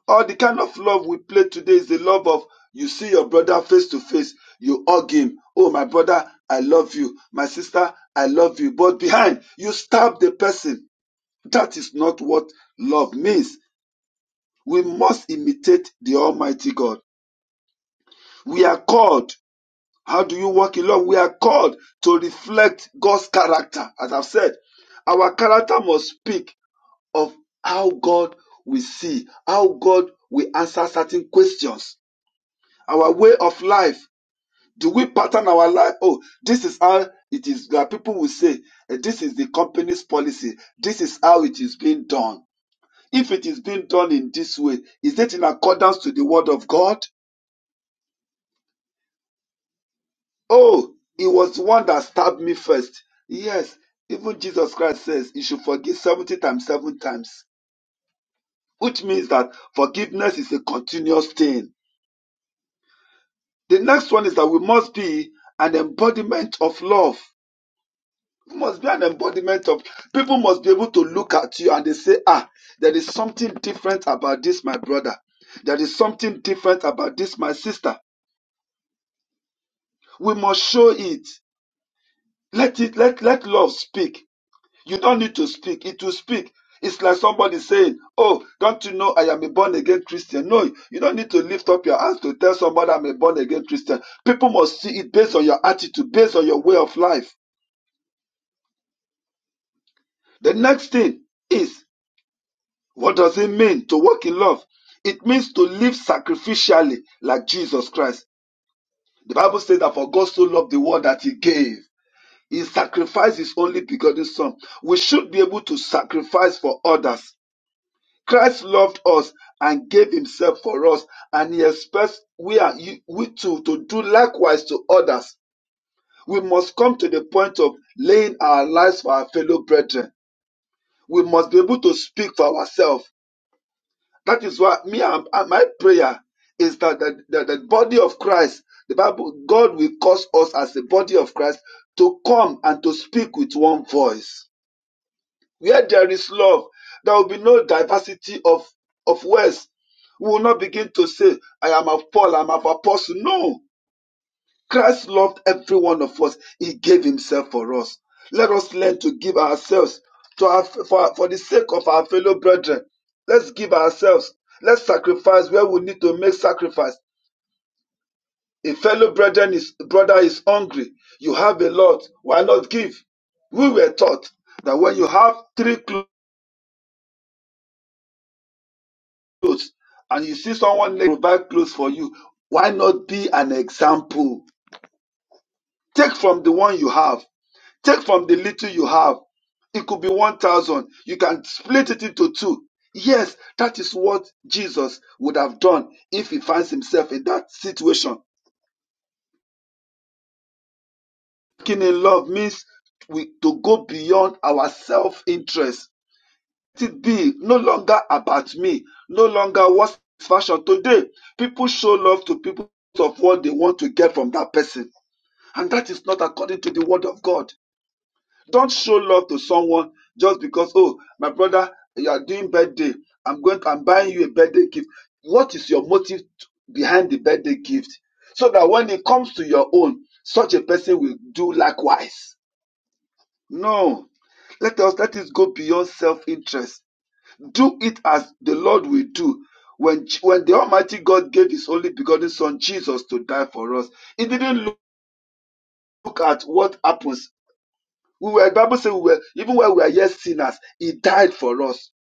[SPEAKER 7] All the kind of love we play today is the love of you see your brother face to face, you hug him. Oh, my brother, I love you. My sister, I love you. But behind, you stab the person. That is not what love means. We must imitate the Almighty God. We are called How do you walk in love? We are called to reflect God's character. As I've said, our character must speak of how God we see, how God we answer certain questions, our way of life. Do we pattern our life? Oh, this is how it is. There are people who say, eh, this is the company's policy. This is how it is being done. If it is being done in this way, is it in accordance to the word of God? Oh, it was the one that stabbed me first. Yes, even Jesus Christ says you should forgive 70 times, 7 times, which means that forgiveness is a continuous thing. The next one is that we must be an embodiment of love. We must be an embodiment of people must be able to look at you and they say, Ah, there is something different about this, my brother. There is something different about this, my sister. We must show it. Let it let let love speak You don't need to speak. It will speak. It's like somebody saying, Oh, don't you know I am a born again Christian? No, you don't need to lift up your hands to tell somebody I'm a born again Christian. People must see it based on your attitude, based on your way of life. The next thing is, what does it mean to walk in love? It means to live sacrificially like Jesus Christ. The Bible says that for God so loved the world that he gave. He sacrificed his only begotten son. We should be able to sacrifice for others Christ loved us and gave himself for us, and he expects we are you, we to, to do likewise to others. We must come to the point of laying our lives for our fellow brethren. We must be able to speak for ourselves. That is why me and, and my prayer is that the, the, the body of Christ, the Bible, God will cause us as the body of Christ to come and to speak with one voice Where there is love, there will be no diversity of, of words. We will not begin to say, I am of Paul, I am of Apostle. No. Christ loved every one of us. He gave himself for us. Let us learn to give ourselves to our, for, for the sake of our fellow brethren. Let's give ourselves. Let's sacrifice where we need to make sacrifice. A fellow brethren is brother is hungry. You have a lot. Why not give? We were taught that when you have three clothes, clothes and you see someone like provide clothes for you, why not be an example? Take from the one you have. Take from the little you have. It could be 1,000. You can split it into two. Yes, that is what Jesus would have done if he finds himself in that situation. Walking in love means we, to go beyond our self interest it be no longer about me, no longer what's fashion. Today, people show love to people of what they want to get from that person. And that is not according to the word of God. Don't show love to someone just because, oh, my brother, you are doing birthday. I'm going to, I'm buying you a birthday gift. What is your motive behind the birthday gift? So that when it comes to your own, such a person will do likewise. No. Let us let it go beyond self-interest do it as the Lord will do. When, when the Almighty God gave His only begotten Son Jesus to die for us, He didn't look at what happens. We were, the Bible says, we were, even when we are yet sinners, He died for us.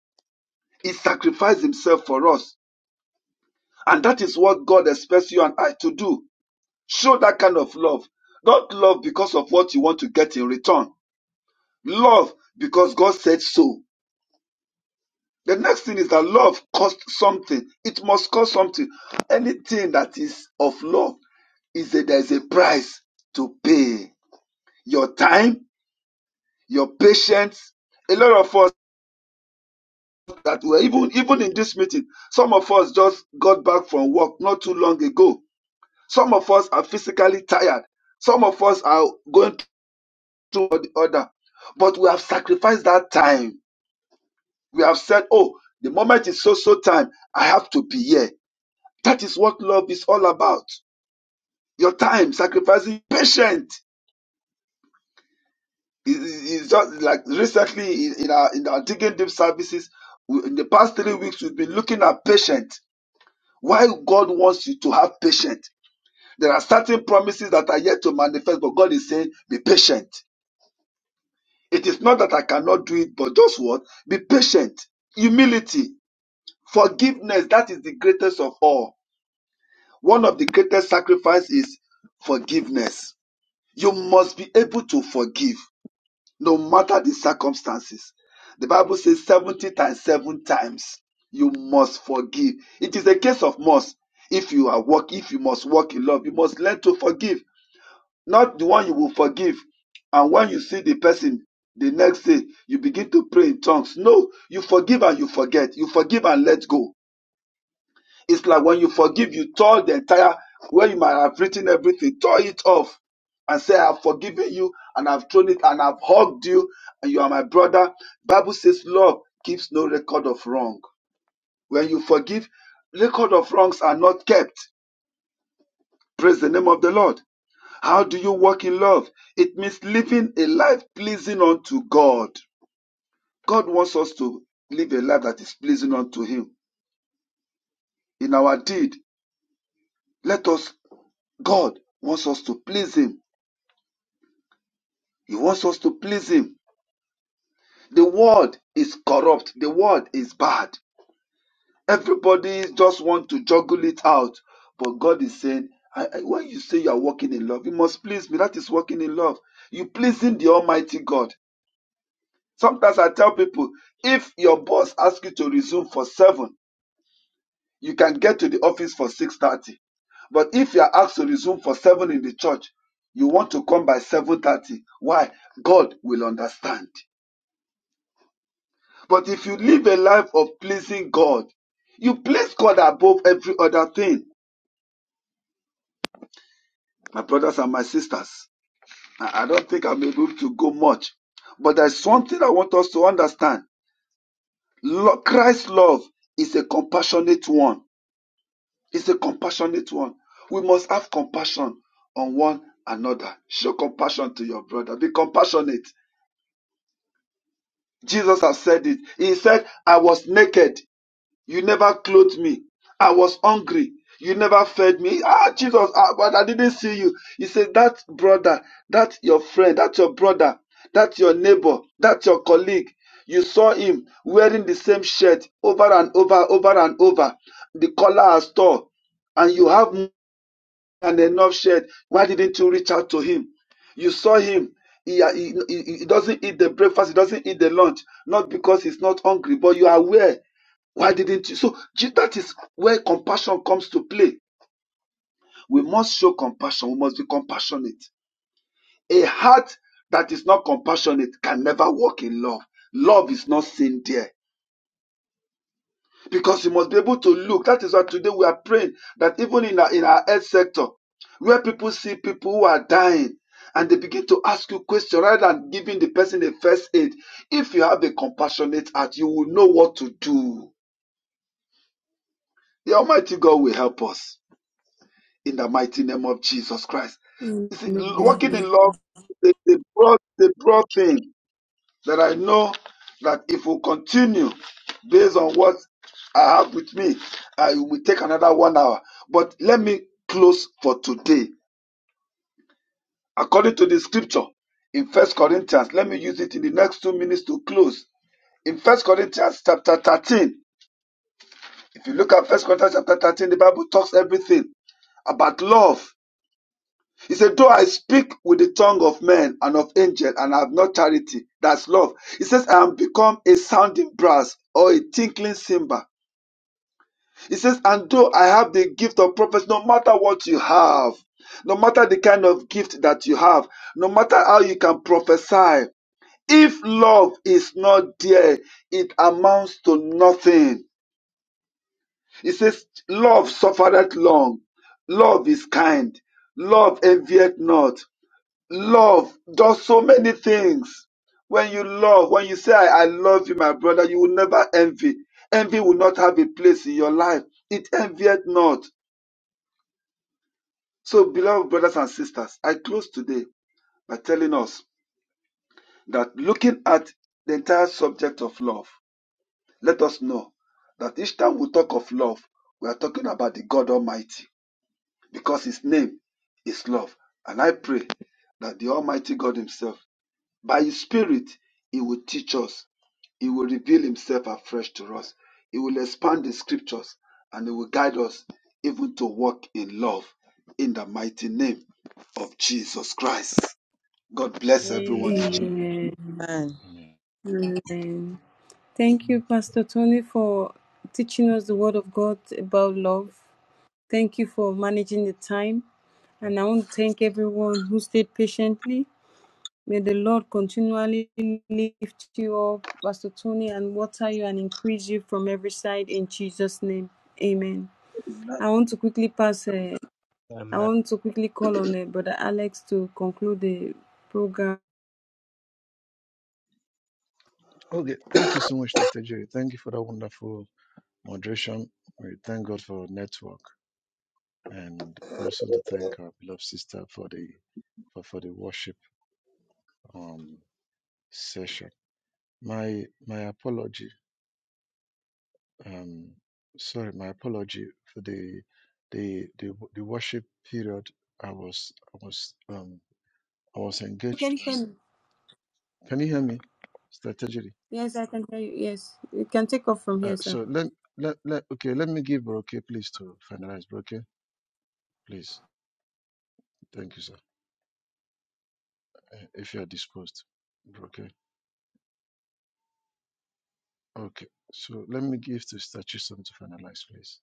[SPEAKER 7] He sacrificed Himself for us. And that is what God expects you and I to do. Show that kind of love. Not love because of what you want to get in return. Love because God said so. The next thing is that love costs something. It must cost something. Anything that is of love is a, there's a price to pay. Your time, your patience. A lot of us that were even even in this meeting, some of us just got back from work not too long ago. Some of us are physically tired. Some of us are going to the other. But we have sacrificed that time. We have said, oh, the moment is so so time. I have to be here. That is what love is all about. your time, sacrificing patient. It- It's just like recently in in our in our digging deep services, we- in the past three weeks, we've been looking at patient. Why God wants you to have patience? There are certain promises that are yet to manifest, but God is saying, be patient. It is not that I cannot do it, but just what? Be patient. Humility, forgiveness, that is the greatest of all. One of the greatest sacrifice is forgiveness. You must be able to forgive no matter the circumstances. The Bible says 70 times, seven times, you must forgive. It is a case of must. If you are work, if you must walk in love, you must learn to forgive, not the one you will forgive. And when you see the person the next day, you begin to pray in tongues. No, you forgive and you forget. You forgive and let go. It's like when you forgive, you tore the entire, where you might have written everything, tore it off and say, I've forgiven you and I've thrown it and I've hugged you and you are my brother. Bible says love keeps no record of wrong. When you forgive, record of wrongs are not kept. Praise the name of the Lord. How do you walk in love? It means living a life pleasing unto God. God wants us to live a life that is pleasing unto Him. In our deed, let us, God wants us to please Him He wants us to please him. The world is corrupt. The world is bad. Everybody just want to juggle it out. But God is saying, I, I- when you say you are walking in love, you must please me. That is walking in love. You pleasing the Almighty God. Sometimes I tell people, if your boss asks you to resume for seven, you can get to the office for six thirty. But if you are asked to resume for seven in the church, you want to come by seven thirty. Why? God will understand. But if you live a life of pleasing God, you place God above every other thing. My brothers and my sisters, I I don't think I'm able to go much, but there's something I want us to understand. Lo- Christ's love is a compassionate one. It's a compassionate one. We must have compassion on one another. Show compassion to your brother. Be compassionate. Jesus has said it. He said, I was naked You never clothed me. I was hungry. You never fed me. Ah, Jesus, ah, but I didn't see you. He said, That brother, that's your friend, that's your brother, that's your neighbor, that's your colleague. You saw him wearing the same shirt over and over, over and over. The collar has torn, and you have more than enough shirt. Why didn't you reach out to him? You saw him. He, he, he he doesn't eat the breakfast, he doesn't eat the lunch, not because he's not hungry, but you are aware why didn't you? So Je- that is where compassion comes to play. We must show compassion. We must be compassionate. A heart that is not compassionate can never walk in love. Love is not seen there because you must be able to look. That is why today we are praying that even in our, in our health sector, where people see people who are dying and they begin to ask you questions rather than giving the person a first aid, if you have a compassionate heart, you will know what to do. The Almighty God will help us. in the mighty name of Jesus Christ.
[SPEAKER 3] you.
[SPEAKER 7] You see,
[SPEAKER 2] Amen.
[SPEAKER 3] Amen.
[SPEAKER 7] walking in love is the broad, the broad thing that I know that if we continue based on what I have with me, I will take another one hour. But let me close for today. According to the scripture in First Corinthians, let me use it in the next two minutes to close. In First Corinthians chapter 13, if you look at First Corinthians chapter 13, the Bible talks everything about love He said, Though I speak with the tongue of men and of angels and have not charity, that's love. He says, I am become a sounding brass or a tinkling cymbal. He says, And though I have the gift of prophecy, no matter what you have, no matter the kind of gift that you have, no matter how you can prophesy, if love is not there, it amounts to nothing. He says, Love suffereth long, love is kind, love envieth not. Love does so many things. When you love, when you say, I, I love you, my brother, you will never envy. Envy will not have a place in your life. It envieth not. So, beloved brothers and sisters, I close today by telling us that looking at the entire subject of love, let us know that each time we talk of love, we are talking about the God Almighty because His name is love. And I pray that the Almighty God Himself By His Spirit, He will teach us. He will reveal Himself afresh to us. He will expand the scriptures and He will guide us even to walk in love in the mighty name of Jesus Christ. God bless everyone in
[SPEAKER 2] Amen.
[SPEAKER 7] Jesus'
[SPEAKER 1] Amen.
[SPEAKER 3] Amen.
[SPEAKER 8] Amen.
[SPEAKER 1] Amen.
[SPEAKER 3] Amen. Thank you, Pastor Tony, for teaching us the Word of God about love. Thank you for managing the time. And I want to thank everyone who stayed patiently May the Lord continually lift you up, Pastor Tony, and water you and increase you from every side in Jesus' name. Amen. I want to quickly pass, uh,
[SPEAKER 14] Amen.
[SPEAKER 3] I want to quickly call on uh, Brother Alex to conclude the program.
[SPEAKER 1] you. Okay, thank you so much, Strategy. Thank you for that wonderful moderation. We thank God for our network and also to thank our beloved sister for the for, for the worship um session. My my apology. Um sorry, my apology for the the the, the worship period I was I was um I was engaged.
[SPEAKER 3] Can you hear me?
[SPEAKER 1] Can you hear me? Strategy.
[SPEAKER 3] Yes, I can hear you. Yes, you can take off from
[SPEAKER 1] Uh,
[SPEAKER 3] here, sir.
[SPEAKER 1] so let, let let okay. Let me give Broke please to finalize. Broke, please. Thank you, sir. Uh, if you are disposed, Broke. Okay. So let me give to Statuson to finalize, please.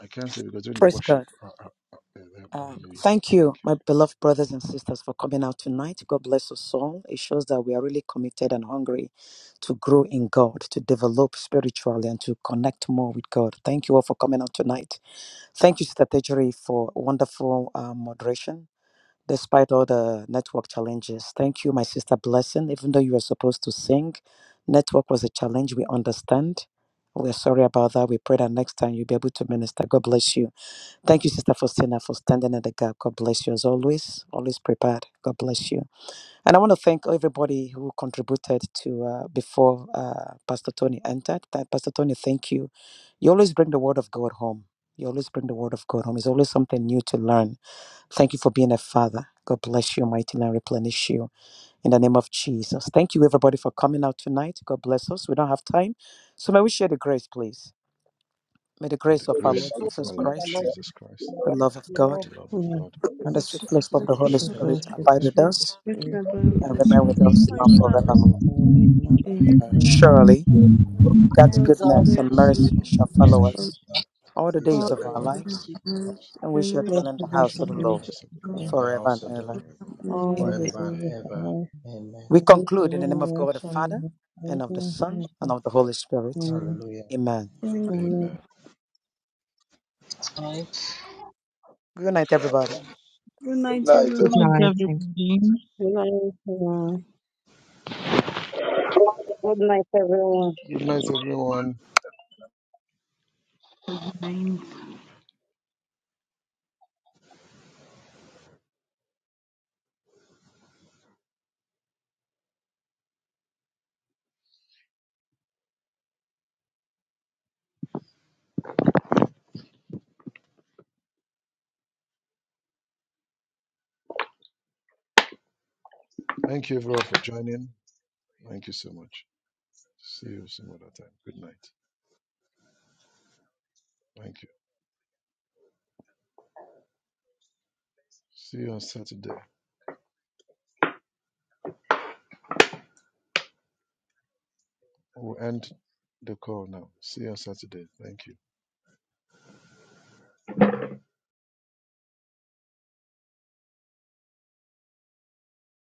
[SPEAKER 1] I can't say because during the
[SPEAKER 8] Praise God.
[SPEAKER 1] worship, uh, uh, uh, uh, um,
[SPEAKER 8] Um,
[SPEAKER 1] Hallelujah.
[SPEAKER 8] thank you,
[SPEAKER 1] Thank you.
[SPEAKER 8] my beloved brothers and sisters, for coming out tonight. God bless us all. It shows that we are really committed and hungry to grow in God, to develop spiritually, and to connect more with God. Thank you all for coming out tonight. Thank you, Sister Tejuri, for wonderful uh, moderation. Despite all the network challenges, thank you, my sister Blessing. Even though you were supposed to sing, network was a challenge. We understand. We're sorry about that. We pray that next time you'll be able to minister. God bless you. Thank you, Sister Faustina, for standing in the gap. God bless you as always. Always prepared. God bless you. And I want to thank everybody who contributed to uh, before uh, Pastor Tony entered. That Pastor Tony, thank you. You always bring the word of God home. You always bring the word of God home. It's always something new to learn. Thank you for being a father. God bless you, mighty, and replenish you in the name of Jesus. Thank you, everybody, for coming out tonight. God bless us. We don't have time. So may we share the grace, please. May the
[SPEAKER 1] May
[SPEAKER 8] grace
[SPEAKER 1] the
[SPEAKER 8] of
[SPEAKER 2] May
[SPEAKER 8] our
[SPEAKER 2] the
[SPEAKER 1] grace
[SPEAKER 8] Lord
[SPEAKER 1] of
[SPEAKER 2] glory
[SPEAKER 1] our
[SPEAKER 8] Jesus
[SPEAKER 2] of
[SPEAKER 1] Lord
[SPEAKER 2] the Lord
[SPEAKER 8] Christ,
[SPEAKER 2] be
[SPEAKER 1] Jesus Christ,
[SPEAKER 8] the
[SPEAKER 2] praised.
[SPEAKER 8] love of
[SPEAKER 2] The
[SPEAKER 1] and
[SPEAKER 8] God
[SPEAKER 2] Lord
[SPEAKER 1] the love of
[SPEAKER 2] be
[SPEAKER 15] Yes,
[SPEAKER 2] praised.
[SPEAKER 1] God,
[SPEAKER 12] Um,
[SPEAKER 8] and
[SPEAKER 15] God,
[SPEAKER 8] the
[SPEAKER 3] This
[SPEAKER 8] sweet
[SPEAKER 1] and
[SPEAKER 3] is
[SPEAKER 8] fellowship
[SPEAKER 1] the
[SPEAKER 8] of
[SPEAKER 3] the
[SPEAKER 8] the
[SPEAKER 3] sweet
[SPEAKER 8] Holy
[SPEAKER 1] fellowship
[SPEAKER 15] to
[SPEAKER 3] fellowship
[SPEAKER 1] of
[SPEAKER 8] Spirit
[SPEAKER 1] the
[SPEAKER 15] fellowship
[SPEAKER 1] Holy
[SPEAKER 8] abide
[SPEAKER 3] of
[SPEAKER 15] with the
[SPEAKER 8] with
[SPEAKER 3] the
[SPEAKER 1] Spirit.
[SPEAKER 15] Holy
[SPEAKER 8] us
[SPEAKER 3] gift
[SPEAKER 15] Spirit,
[SPEAKER 3] of
[SPEAKER 8] and
[SPEAKER 3] the
[SPEAKER 1] now
[SPEAKER 8] remain
[SPEAKER 3] Son.
[SPEAKER 1] and
[SPEAKER 15] to
[SPEAKER 8] with
[SPEAKER 16] They
[SPEAKER 12] Yes,
[SPEAKER 15] the
[SPEAKER 8] us
[SPEAKER 1] forever.
[SPEAKER 8] now
[SPEAKER 16] push,
[SPEAKER 15] church,
[SPEAKER 16] but
[SPEAKER 15] to the
[SPEAKER 16] Blaze
[SPEAKER 8] forevermore.
[SPEAKER 15] Father,
[SPEAKER 16] is
[SPEAKER 15] and
[SPEAKER 3] Amen.
[SPEAKER 16] hurt and
[SPEAKER 8] Amen.
[SPEAKER 1] Amen.
[SPEAKER 15] in the
[SPEAKER 16] annoyed,
[SPEAKER 8] Surely,
[SPEAKER 16] so he goes back.
[SPEAKER 8] God's
[SPEAKER 3] God's
[SPEAKER 1] God's
[SPEAKER 2] God
[SPEAKER 8] goodness
[SPEAKER 3] prayer
[SPEAKER 8] and
[SPEAKER 1] goodness
[SPEAKER 3] and
[SPEAKER 15] name
[SPEAKER 8] mercy
[SPEAKER 1] and
[SPEAKER 8] shall
[SPEAKER 3] death
[SPEAKER 1] mercy
[SPEAKER 8] follow
[SPEAKER 1] shall
[SPEAKER 15] of
[SPEAKER 3] of
[SPEAKER 8] us
[SPEAKER 12] Um,
[SPEAKER 1] follow
[SPEAKER 8] all the
[SPEAKER 3] God
[SPEAKER 8] days of our
[SPEAKER 15] Christ.
[SPEAKER 1] all the
[SPEAKER 8] lives,
[SPEAKER 1] days of our
[SPEAKER 3] and
[SPEAKER 1] lives.
[SPEAKER 8] and we shall
[SPEAKER 3] generation
[SPEAKER 15] Bless
[SPEAKER 8] dwell in
[SPEAKER 15] the
[SPEAKER 8] the
[SPEAKER 1] We
[SPEAKER 15] Lord
[SPEAKER 8] house
[SPEAKER 1] shall
[SPEAKER 15] for
[SPEAKER 8] of the
[SPEAKER 1] dwell
[SPEAKER 3] of
[SPEAKER 1] in the
[SPEAKER 15] me,
[SPEAKER 8] Lord
[SPEAKER 1] house of the Lord
[SPEAKER 3] God.
[SPEAKER 15] for
[SPEAKER 12] in the
[SPEAKER 8] forever
[SPEAKER 12] house of
[SPEAKER 8] and
[SPEAKER 12] the Lord
[SPEAKER 8] ever.
[SPEAKER 3] Amen.
[SPEAKER 15] all
[SPEAKER 12] forever
[SPEAKER 15] the
[SPEAKER 8] Amen.
[SPEAKER 12] and
[SPEAKER 15] days of
[SPEAKER 12] ever.
[SPEAKER 15] my
[SPEAKER 1] Amen.
[SPEAKER 15] life,
[SPEAKER 12] Amen.
[SPEAKER 8] We
[SPEAKER 15] and we shall
[SPEAKER 8] conclude in
[SPEAKER 15] live
[SPEAKER 8] the name of
[SPEAKER 15] and
[SPEAKER 8] God the
[SPEAKER 15] rest on
[SPEAKER 8] Father, and
[SPEAKER 15] you.
[SPEAKER 8] of the
[SPEAKER 15] Amen.
[SPEAKER 8] Son, and of the Holy Spirit.
[SPEAKER 15] Amen.
[SPEAKER 12] Hallelujah.
[SPEAKER 8] Amen.
[SPEAKER 15] Amen.
[SPEAKER 1] Amen.
[SPEAKER 8] Good night, everybody.
[SPEAKER 3] Good
[SPEAKER 7] name. Good
[SPEAKER 3] night,
[SPEAKER 7] night,
[SPEAKER 3] everyone.
[SPEAKER 4] Good
[SPEAKER 7] everyone.
[SPEAKER 17] Thanks,
[SPEAKER 4] night. Thank you.
[SPEAKER 17] everybody.
[SPEAKER 15] Good night, everyone.
[SPEAKER 6] Good night, everyone.
[SPEAKER 1] Good night, everyone.
[SPEAKER 17] Bye.
[SPEAKER 1] Thank you, everyone, for joining. Thank you so much. See you some other time. Good night. Thank you. See you on Saturday. We'll end the call now. See you on Saturday. Thank you.